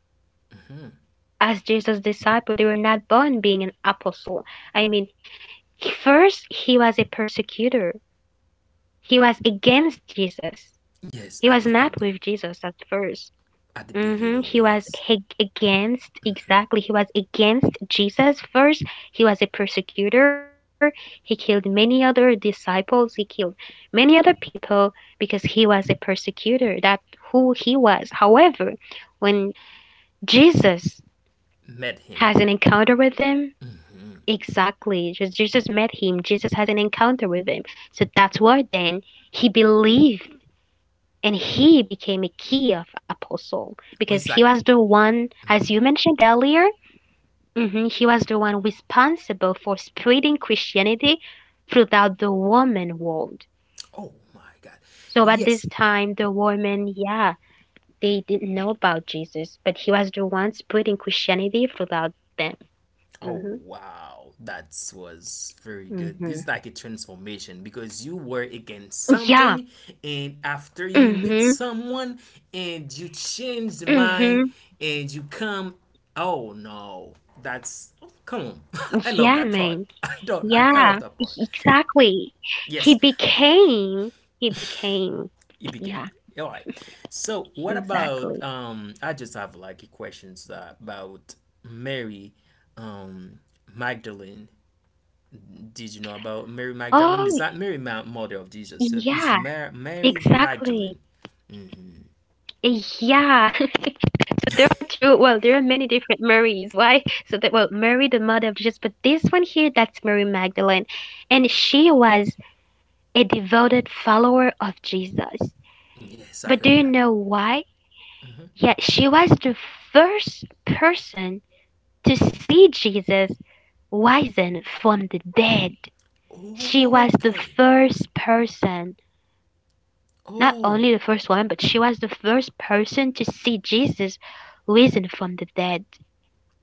Speaker 2: as Jesus' disciple, they were not born being an apostle. I mean, first, he was a persecutor, he was against Jesus,
Speaker 1: Yes,
Speaker 2: he was not with Jesus at first.
Speaker 1: at the
Speaker 2: Hmm
Speaker 1: beginning,
Speaker 2: He was
Speaker 1: yes.
Speaker 2: against, exactly. He was against Jesus first. He was a persecutor. He killed many other disciples. He killed many other people because he was a persecutor. That who he was. However, when Jesus
Speaker 1: Met him.
Speaker 2: has an encounter with him, exactly. Just Jesus met him. Jesus has an encounter with him. So that's why then he believed and he became a key of apostle because
Speaker 1: It's
Speaker 2: he
Speaker 1: like,
Speaker 2: was the one as you mentioned earlier. Mhm, he was the one responsible for spreading Christianity throughout the woman world.
Speaker 1: oh my God.
Speaker 2: So at this
Speaker 1: Yes,
Speaker 2: time the women, yeah, they didn't know about Jesus, but he was the one spreading Christianity throughout them.
Speaker 1: oh
Speaker 2: Hmm
Speaker 1: wow, that was very good.
Speaker 2: hmm
Speaker 1: It's like a transformation because you were against
Speaker 2: yeah
Speaker 1: something, and after you meet
Speaker 2: hmm
Speaker 1: someone, and you change the
Speaker 2: hmm
Speaker 1: mind, and you come. Oh no, that's oh, come on. I
Speaker 2: yeah
Speaker 1: love that
Speaker 2: man.
Speaker 1: part. I don't. I love that part.
Speaker 2: Exactly. He
Speaker 1: Yes,
Speaker 2: became, he became.
Speaker 1: it became
Speaker 2: Yeah,
Speaker 1: all right. So what about
Speaker 2: exactly.
Speaker 1: um? I just have like a questions about Mary, um, Magdalene, did you know about Mary Magdalene?
Speaker 2: Oh,
Speaker 1: Is that Mary, mother of Jesus? So
Speaker 2: yeah,
Speaker 1: it's Mar- Mary
Speaker 2: exactly.
Speaker 1: Magdalene.
Speaker 2: Yeah. So there are two, well, there are many different Marys. Why? Mary, the mother of Jesus, but this one here, that's Mary Magdalene. And she was a devoted follower of Jesus.
Speaker 1: Yes, I
Speaker 2: But do
Speaker 1: heard
Speaker 2: you
Speaker 1: that.
Speaker 2: know why? Yeah, she was the first person to see Jesus risen from the dead. She was the
Speaker 1: Okay.
Speaker 2: first person, not
Speaker 1: Oh,
Speaker 2: only the first woman, but she was the first person to see Jesus risen from the dead.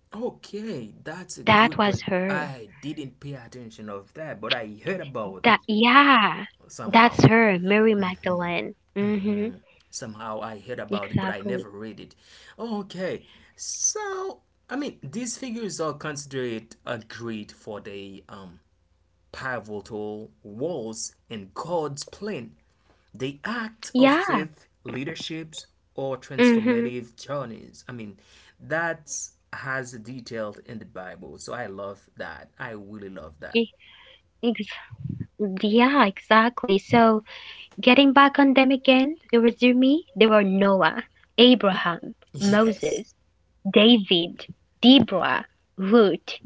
Speaker 1: okay. That's a
Speaker 2: That
Speaker 1: good point.
Speaker 2: was her.
Speaker 1: I didn't pay attention of that, but I heard about
Speaker 2: That
Speaker 1: it
Speaker 2: yeah, that's
Speaker 1: somehow.
Speaker 2: her, Mary Magdalene. Mhm.
Speaker 1: Somehow I heard about it, but I never
Speaker 2: Exactly.
Speaker 1: read it. Okay. So I mean, these figures are considered a great for the pivotal roles in God's plan. The act of faith,
Speaker 2: Yeah.
Speaker 1: leaderships, or transformative
Speaker 2: Mhm.
Speaker 1: journeys. I mean, that's has detailed in the Bible. So I love that. I really love that.
Speaker 2: Ex- yeah, exactly. So getting back on them again, there was Rumi, there were Noah, Abraham,
Speaker 1: Yes.
Speaker 2: Moses, David, Deborah, Ruth,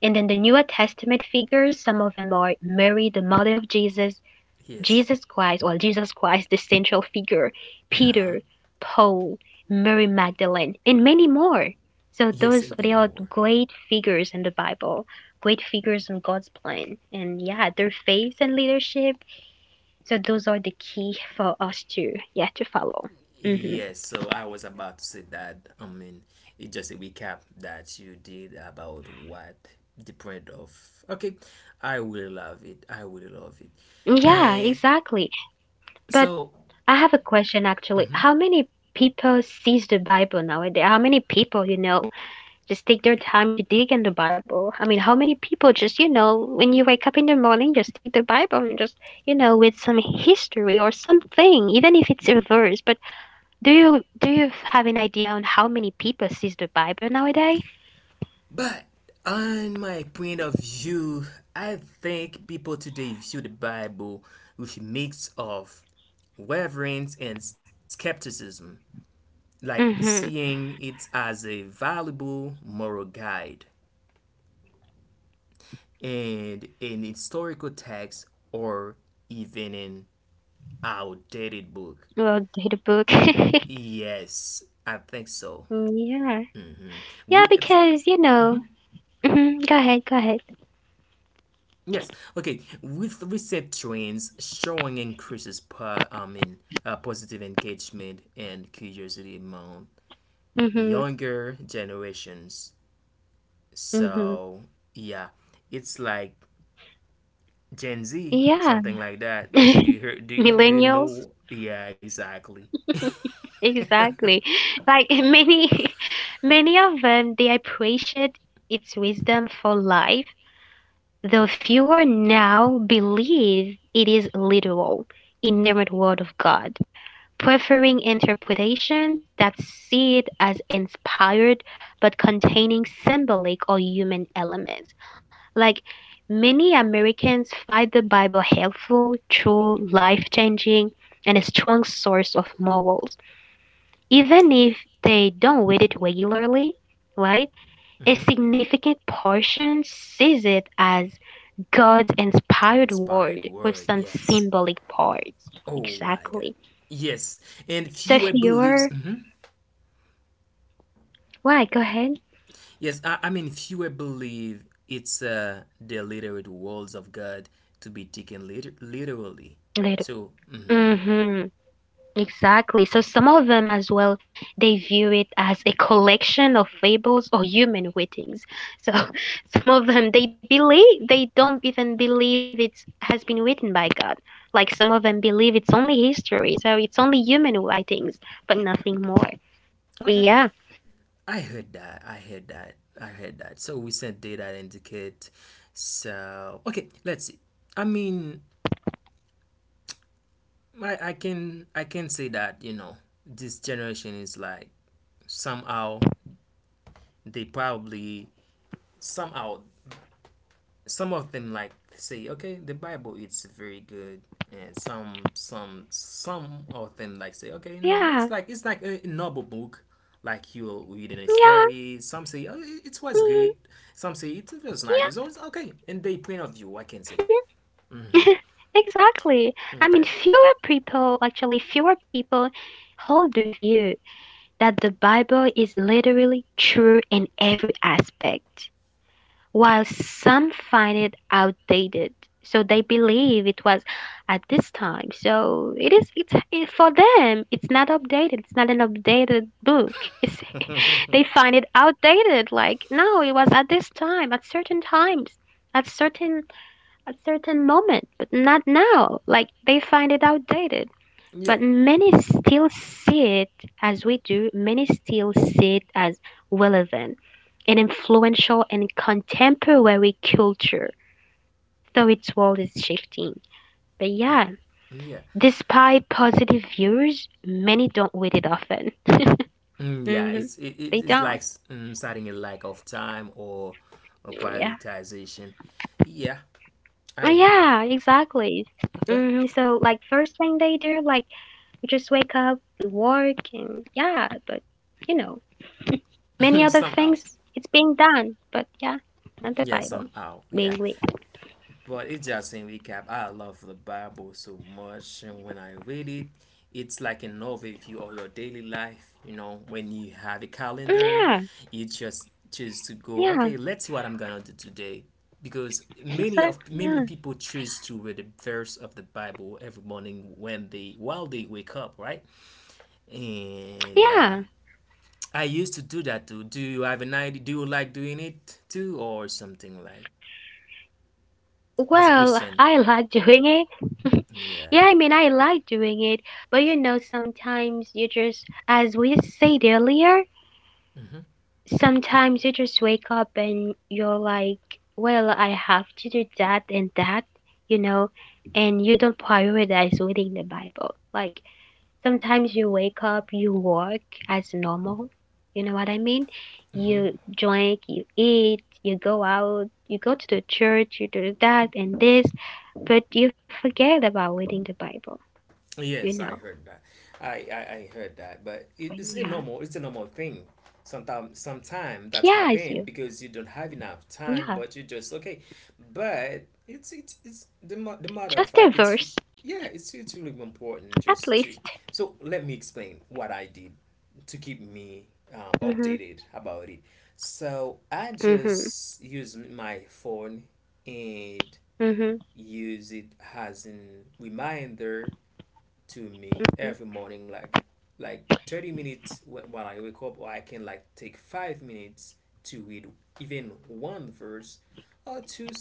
Speaker 2: and then the New Testament figures, some of them are Mary, the mother of Jesus,
Speaker 1: Yes.
Speaker 2: Jesus Christ, or Jesus Christ, the central figure,
Speaker 1: Uh huh.
Speaker 2: Peter, Paul, Mary Magdalene, and many more. So
Speaker 1: Yes,
Speaker 2: those
Speaker 1: and
Speaker 2: they
Speaker 1: many
Speaker 2: are
Speaker 1: more.
Speaker 2: great figures in the Bible, great figures in God's plan. And yeah, their faith and leadership, so those are the key for us to yeah to follow. Hmm
Speaker 1: Yes, so I was about to say that. I mean, it's just a recap that you did about what the point of. Okay, I will love it. I will love it.
Speaker 2: Yeah,
Speaker 1: And
Speaker 2: exactly. But
Speaker 1: so,
Speaker 2: I have a question actually. How many people sees the Bible nowadays? How many people, you know, just take their time to dig in the Bible? How many people just you know when you wake up in the morning just take the Bible and just you know with some history or something, even if it's a verse. But do you have an idea on how many people sees the Bible nowadays?
Speaker 1: but on my point of view, I think people today view the Bible with a mix of reverence and skepticism, like
Speaker 2: Mm-hmm.
Speaker 1: seeing it as a valuable moral guide and in historical texts or even in outdated book.
Speaker 2: Well, the book.
Speaker 1: Yes, I think so.
Speaker 2: yeah. Yeah,
Speaker 1: We it's
Speaker 2: because you know. Hmm Go ahead, go ahead.
Speaker 1: yes, okay, with recent trends showing increases per positive engagement and curiosity among
Speaker 2: Hmm
Speaker 1: younger generations.
Speaker 2: hmm
Speaker 1: So yeah, it's like Gen Z
Speaker 2: Yeah,
Speaker 1: something like that. Did you hear? Do you
Speaker 2: millennials.
Speaker 1: know? Yeah, exactly.
Speaker 2: Exactly. Like many, many of them, they appreciate its wisdom for life, though fewer now believe it is literal, inerrant word of God, preferring interpretations that see it as inspired but containing symbolic or human elements. Like many Americans find the Bible helpful, true, life changing, and a strong source of morals, even if they don't read it regularly. Right? A
Speaker 1: hmm
Speaker 2: significant portion sees it as God's inspired
Speaker 1: Inspired
Speaker 2: word with
Speaker 1: word,
Speaker 2: some
Speaker 1: yes.
Speaker 2: symbolic parts.
Speaker 1: Oh my god.
Speaker 2: Exactly.
Speaker 1: Yes, and
Speaker 2: So if
Speaker 1: fewer believes.
Speaker 2: you're,
Speaker 1: Mhm.
Speaker 2: why? Go ahead.
Speaker 1: Yes, I mean fewer believe it's the literate words of God to be taken literally.
Speaker 2: Later.
Speaker 1: So mm,
Speaker 2: Exactly. So some of them as well, they view it as a collection of fables or human writings. So some of them they believe they don't even believe it has been written by God. Like some of them believe it's only history, so it's only human writings, but nothing more. Well,
Speaker 1: okay,
Speaker 2: yeah,
Speaker 1: I heard that. I heard that. I heard that. So we sent data indicate. So okay, let's see. I mean, I can I can say that you know this generation is like somehow they probably somehow some of them like say okay the bible it's very good and some of them like say okay no it's
Speaker 2: yeah,
Speaker 1: like it's like a novel book like you'll read in a
Speaker 2: yeah,
Speaker 1: story. Some say oh, it was
Speaker 2: mhm,
Speaker 1: good, some say it was not
Speaker 2: yeah.
Speaker 1: good, so it's okay in they point of view I can say
Speaker 2: mhm. Exactly.
Speaker 1: okay.
Speaker 2: Fewer people hold the view that the Bible is literally true in every aspect, while some find it outdated. So they believe it was at this time. So it is it's it, for them it's not updated. It's not an updated book. It's they find it outdated like no, it was at this time, at certain times, at certain at certain moment, but not now. Like they find it outdated.
Speaker 1: Yeah,
Speaker 2: But many still see it as we do, many still see it as relevant and influential in contemporary culture, though its world is shifting. But yeah,
Speaker 1: yeah.
Speaker 2: despite positive views, many don't read it often.
Speaker 1: Mm, yeah it's
Speaker 2: Hmm
Speaker 1: it, it-
Speaker 2: They
Speaker 1: it's like
Speaker 2: don't.
Speaker 1: mm, starting a lack of time or
Speaker 2: Yeah.
Speaker 1: prioritization. Yeah,
Speaker 2: Oh,
Speaker 1: I heard
Speaker 2: yeah, exactly.
Speaker 1: that.
Speaker 2: hmm So, like, first thing they do, like, we just wake up, we work, and yeah, but you know. Many
Speaker 1: Okay,
Speaker 2: other
Speaker 1: somehow,
Speaker 2: things it's being done but yeah not the
Speaker 1: yeah,
Speaker 2: Bible
Speaker 1: somehow,
Speaker 2: being
Speaker 1: yeah.
Speaker 2: weird.
Speaker 1: But it's just in recap, I love the Bible so much, and when I read it, it's like an overview of your daily life. You know, when you have a
Speaker 2: Yeah.
Speaker 1: calendar, you just choose to go.
Speaker 2: Yeah,
Speaker 1: Okay, let's see what I'm gonna do today, because
Speaker 2: exactly. Yeah.
Speaker 1: many people choose to read a verse of the Bible every morning when they while they wake up, right? And
Speaker 2: Yeah,
Speaker 1: I used to do that too. Do you have an idea? Do you like doing it too, or something like as a
Speaker 2: well,
Speaker 1: Christian?
Speaker 2: I like doing it.
Speaker 1: Yeah.
Speaker 2: yeah, I like doing it, but you know sometimes you just as we said earlier sometimes you just wake up and you're like, well, I have to do that and that, you know, and you don't prioritize reading the Bible. Like sometimes you wake up, you work as normal. You know what I mean? You drink, you eat, you go out, you go to the church, you do that and this, but you forget about reading the Bible, you know.
Speaker 1: Yes, I heard that. I heard that, but it's a
Speaker 2: Yeah.
Speaker 1: normal thing. Sometime that
Speaker 2: Yeah, it's
Speaker 1: happen
Speaker 2: you.
Speaker 1: because you don't have enough time,
Speaker 2: Yeah,
Speaker 1: but you just okay. But it's the the matter of
Speaker 2: just a
Speaker 1: fact. It's
Speaker 2: verse,
Speaker 1: yeah, it's really important
Speaker 2: at
Speaker 1: just
Speaker 2: least.
Speaker 1: to. So let me explain what I did to keep me
Speaker 2: Mm-hmm.
Speaker 1: updated about it. So I
Speaker 2: Mm-hmm.
Speaker 1: just use my phone and
Speaker 2: Mm-hmm.
Speaker 1: use it as an reminder to me every morning, like 30 minutes when I wake up, or I can like take 5 minutes to read even one verse or two,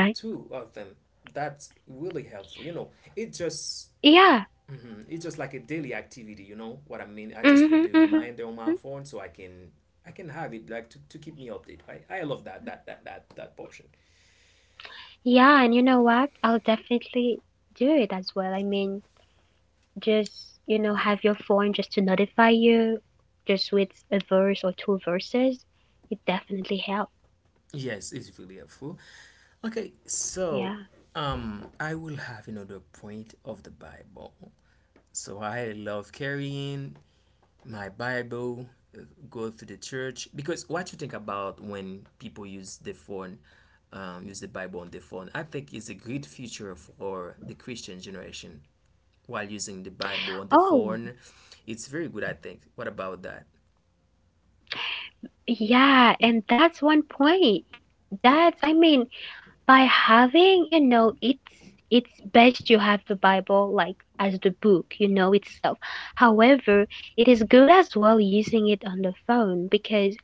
Speaker 2: Right.
Speaker 1: two of them. That's really helpful. You know, it just
Speaker 2: Yeah.
Speaker 1: mhm, it's just like a daily activity. You know what I mean? I just put the
Speaker 2: Mm-hmm. Mm-hmm.
Speaker 1: reminder on my phone so I can have it like to keep me updated. Right? I love that portion.
Speaker 2: Yeah, and you know what? I'll definitely do it as well. I mean, just
Speaker 1: Yeah.
Speaker 2: have your phone just to notify you just with a verse or two verses. It definitely helped.
Speaker 1: Yes, it's really helpful. Okay, so
Speaker 2: Yeah.
Speaker 1: I will have another point of the Bible. So I love carrying my Bible, uh, go to the church because what you think about when people use the phone, use the Bible on the phone, I think is a great feature for the Christian generation while using the Bible on the
Speaker 2: Oh
Speaker 1: phone. It's very good, I think. What about that?
Speaker 2: yeah, and that's one point. That's I mean, by having, it's best you have the bible, like, as the book, itself. However, it is good as well using it on the phone, because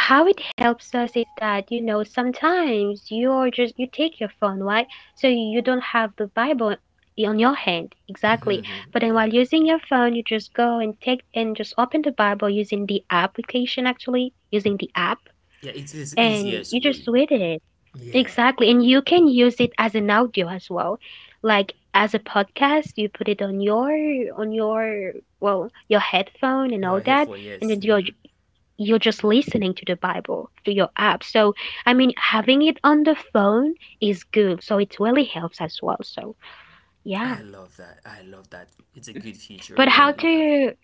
Speaker 2: how it helps us is that, sometimes you take your phone, right? So you don't have the bible on your hand, exactly.
Speaker 1: hmm
Speaker 2: But then,
Speaker 1: yeah,
Speaker 2: while using your phone, you just go and take and just open the bible using the application, actually, using the app,
Speaker 1: yeah, it's the
Speaker 2: and
Speaker 1: easiest
Speaker 2: you just
Speaker 1: way.
Speaker 2: read it,
Speaker 1: Yeah,
Speaker 2: exactly. And you can use it as an audio as well, like, as a podcast. You put it on your on your well, your headphone and all
Speaker 1: your
Speaker 2: that.
Speaker 1: headphone,
Speaker 2: And then
Speaker 1: yes.
Speaker 2: you're
Speaker 1: hmm
Speaker 2: you're just listening to the Bible through your app. So, I mean, having it on the phone is good. So, it really helps as well. So, yeah.
Speaker 1: I love that. I love that. It's a good
Speaker 2: But
Speaker 1: feature
Speaker 2: how
Speaker 1: when we
Speaker 2: do
Speaker 1: have.
Speaker 2: you,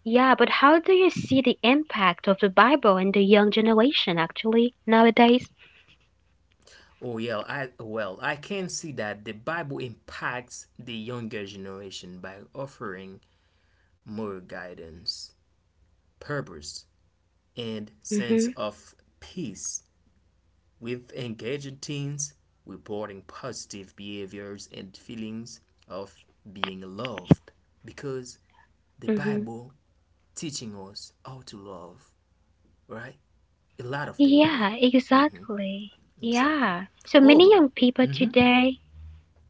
Speaker 2: yeah, but how do you see the impact of the Bible in the young generation actually nowadays?
Speaker 1: Oh yeah, I well, I can see that the Bible impacts the younger generation by offering more guidance, purpose, and
Speaker 2: Mm-hmm.
Speaker 1: sense of peace. With engaging teens, reporting positive behaviors and feelings of being loved because the
Speaker 2: Mm-hmm.
Speaker 1: Bible teaching us how to love, right? A lot of thing on
Speaker 2: Yeah,
Speaker 1: it.
Speaker 2: exactly. Yeah.
Speaker 1: Exactly.
Speaker 2: So many young
Speaker 1: Although
Speaker 2: people today,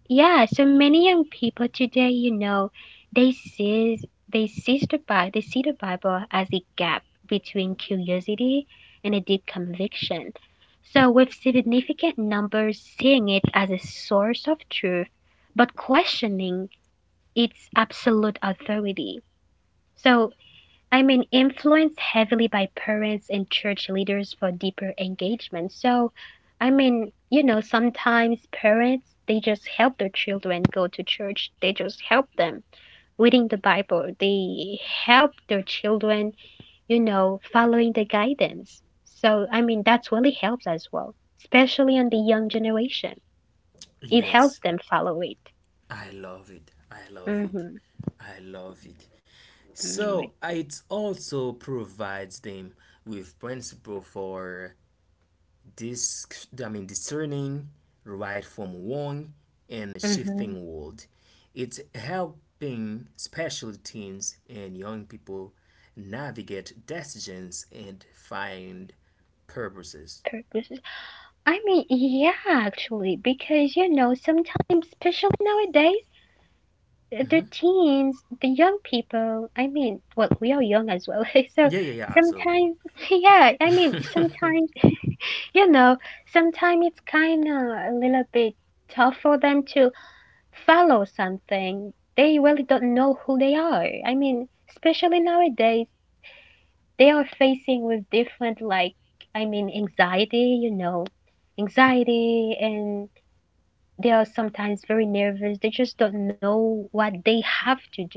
Speaker 2: Yeah, so many young people today, they see they see the Bible as a gap between curiosity and a deep conviction. So, with significant numbers seeing it as a source of truth, but questioning its absolute authority. So, I mean, influenced heavily by parents and church leaders for deeper engagement. So, I mean, sometimes parents they just help their children go to church. They just help them reading the Bible. They help their children, following the guidance. So, I mean, that's really helps as well, especially on the young generation. It helps
Speaker 1: yes,
Speaker 2: them follow it.
Speaker 1: I love it. I love it.
Speaker 2: Mhm.
Speaker 1: I love it.
Speaker 2: All right.
Speaker 1: So it also provides them with principle for this, I mean discerning right from wrong in a
Speaker 2: Mhm.
Speaker 1: shifting world. It's helping special teens and young people navigate decisions and find purposes.
Speaker 2: I mean, yeah, actually, because sometimes, especially nowadays, the teens, the young people, I mean, well, we are young as well. So
Speaker 1: Yeah, yeah, yeah, absolutely.
Speaker 2: sometimes, yeah, I mean, sometimes, you know, it's kind of a little bit tough for them to follow something. They really don't know who they are. I mean, especially nowadays, they are facing with different, like, I mean, anxiety, anxiety, and they are sometimes very nervous. They just don't know what they have to do.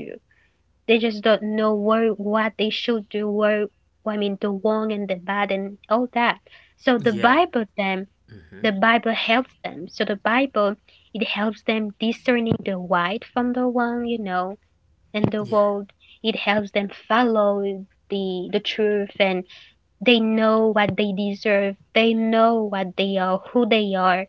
Speaker 2: They just don't know where what they should do, where, I mean, the wrong and the bad and all that. So the
Speaker 1: Yeah,
Speaker 2: Bible them the Bible helps them. So the Bible, it helps them discerning the right from the wrong, and the
Speaker 1: yeah.
Speaker 2: world. It helps them follow the truth, and they know what they deserve. They know what they are, who they are.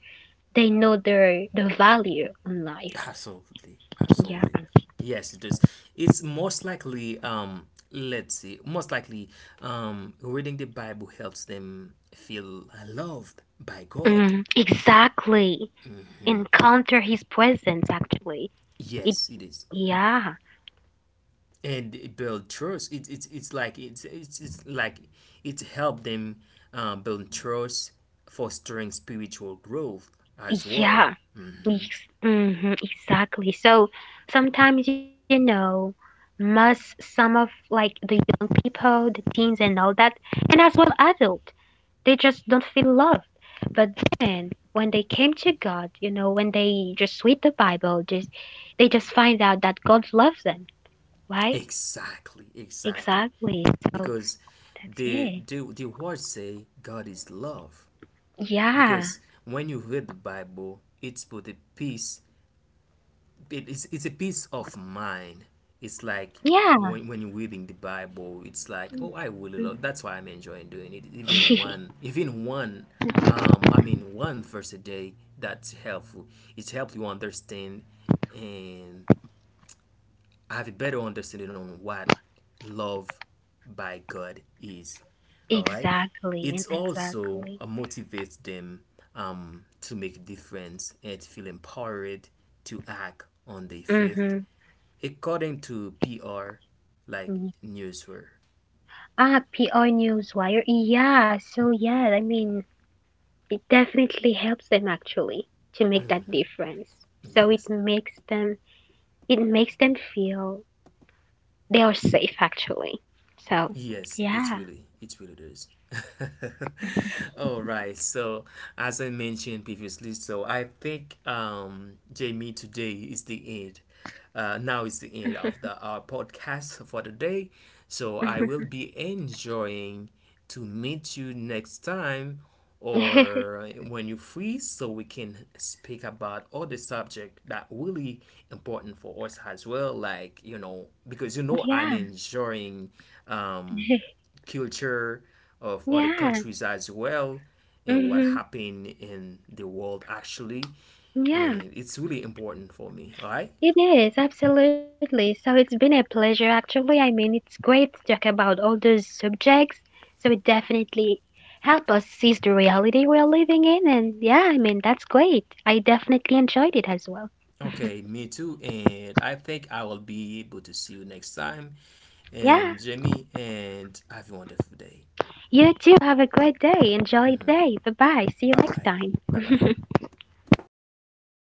Speaker 2: They know the value in life.
Speaker 1: Absolutely,
Speaker 2: Yeah.
Speaker 1: absolutely. Yes, it does. It's most likely, let's see, most likely, reading the Bible helps them feel loved by God.
Speaker 2: Mm, exactly. Encounter his presence actually. It
Speaker 1: Yes, it is,
Speaker 2: yeah.
Speaker 1: and it build trust. It, it's like it helped them build trust, fostering spiritual growth as well.
Speaker 2: Yeah. Mm-hmm, exactly. So sometimes, must some of, like, the young people, the teens and all that, and as well adult, they just don't feel loved. But then when they came to God, when they just read the Bible, just they just find out that God loves them, right?
Speaker 1: Exactly, exactly.
Speaker 2: Exactly. So
Speaker 1: Because
Speaker 2: that's
Speaker 1: the
Speaker 2: it.
Speaker 1: the the words say God is love,
Speaker 2: Yeah.
Speaker 1: because when you read the bible it's put a peace. It is, it's a peace of mind. It's like
Speaker 2: Yeah.
Speaker 1: when you're reading the bible it's like oh I really love, that's why I'm enjoying doing it. Even one I mean one verse a day, that's helpful. It helps you understand, and I have a better understanding on what love by God is. All right,
Speaker 2: Exactly.
Speaker 1: it
Speaker 2: And
Speaker 1: also
Speaker 2: exactly.
Speaker 1: motivates them to make a difference and feel empowered to act on their faith,
Speaker 2: Mm-hmm.
Speaker 1: according to PR like
Speaker 2: Mm.
Speaker 1: Newsweek.
Speaker 2: Ah, PI Newswire. Yeah. So yeah, I mean, it definitely helps them actually to make that difference. So
Speaker 1: Yes,
Speaker 2: it makes them feel they are safe, actually. So
Speaker 1: yes, it's
Speaker 2: yeah.
Speaker 1: really, it really does. All right. So, as I mentioned previously, so I think Jamie, today is the end. Now is the end of the our podcast for the day. So I will be enjoying to meet you next time
Speaker 2: Yeah.
Speaker 1: or when you free so we can speak about other subject that really important for us as well, like you know, because you know I'm enjoying um, culture of other
Speaker 2: Yeah.
Speaker 1: countries as well, and what
Speaker 2: Hmm.
Speaker 1: happened in the world actually,
Speaker 2: Yeah.
Speaker 1: and it's really important for me. All right,
Speaker 2: It is, absolutely. So it's been a pleasure, actually. I mean, it's great to talk about all those subjects. So it definitely helped us seize the reality we're living in. And yeah, I mean, that's great. I definitely enjoyed it as well.
Speaker 1: okay, me too, and I think I will be able to see you next time,
Speaker 2: Yeah,
Speaker 1: Jamie, and have a wonderful day.
Speaker 2: you too. Have a great day. Enjoy the day. Bye bye. See you
Speaker 1: Bye
Speaker 2: next
Speaker 1: bye. Bye bye.
Speaker 2: time.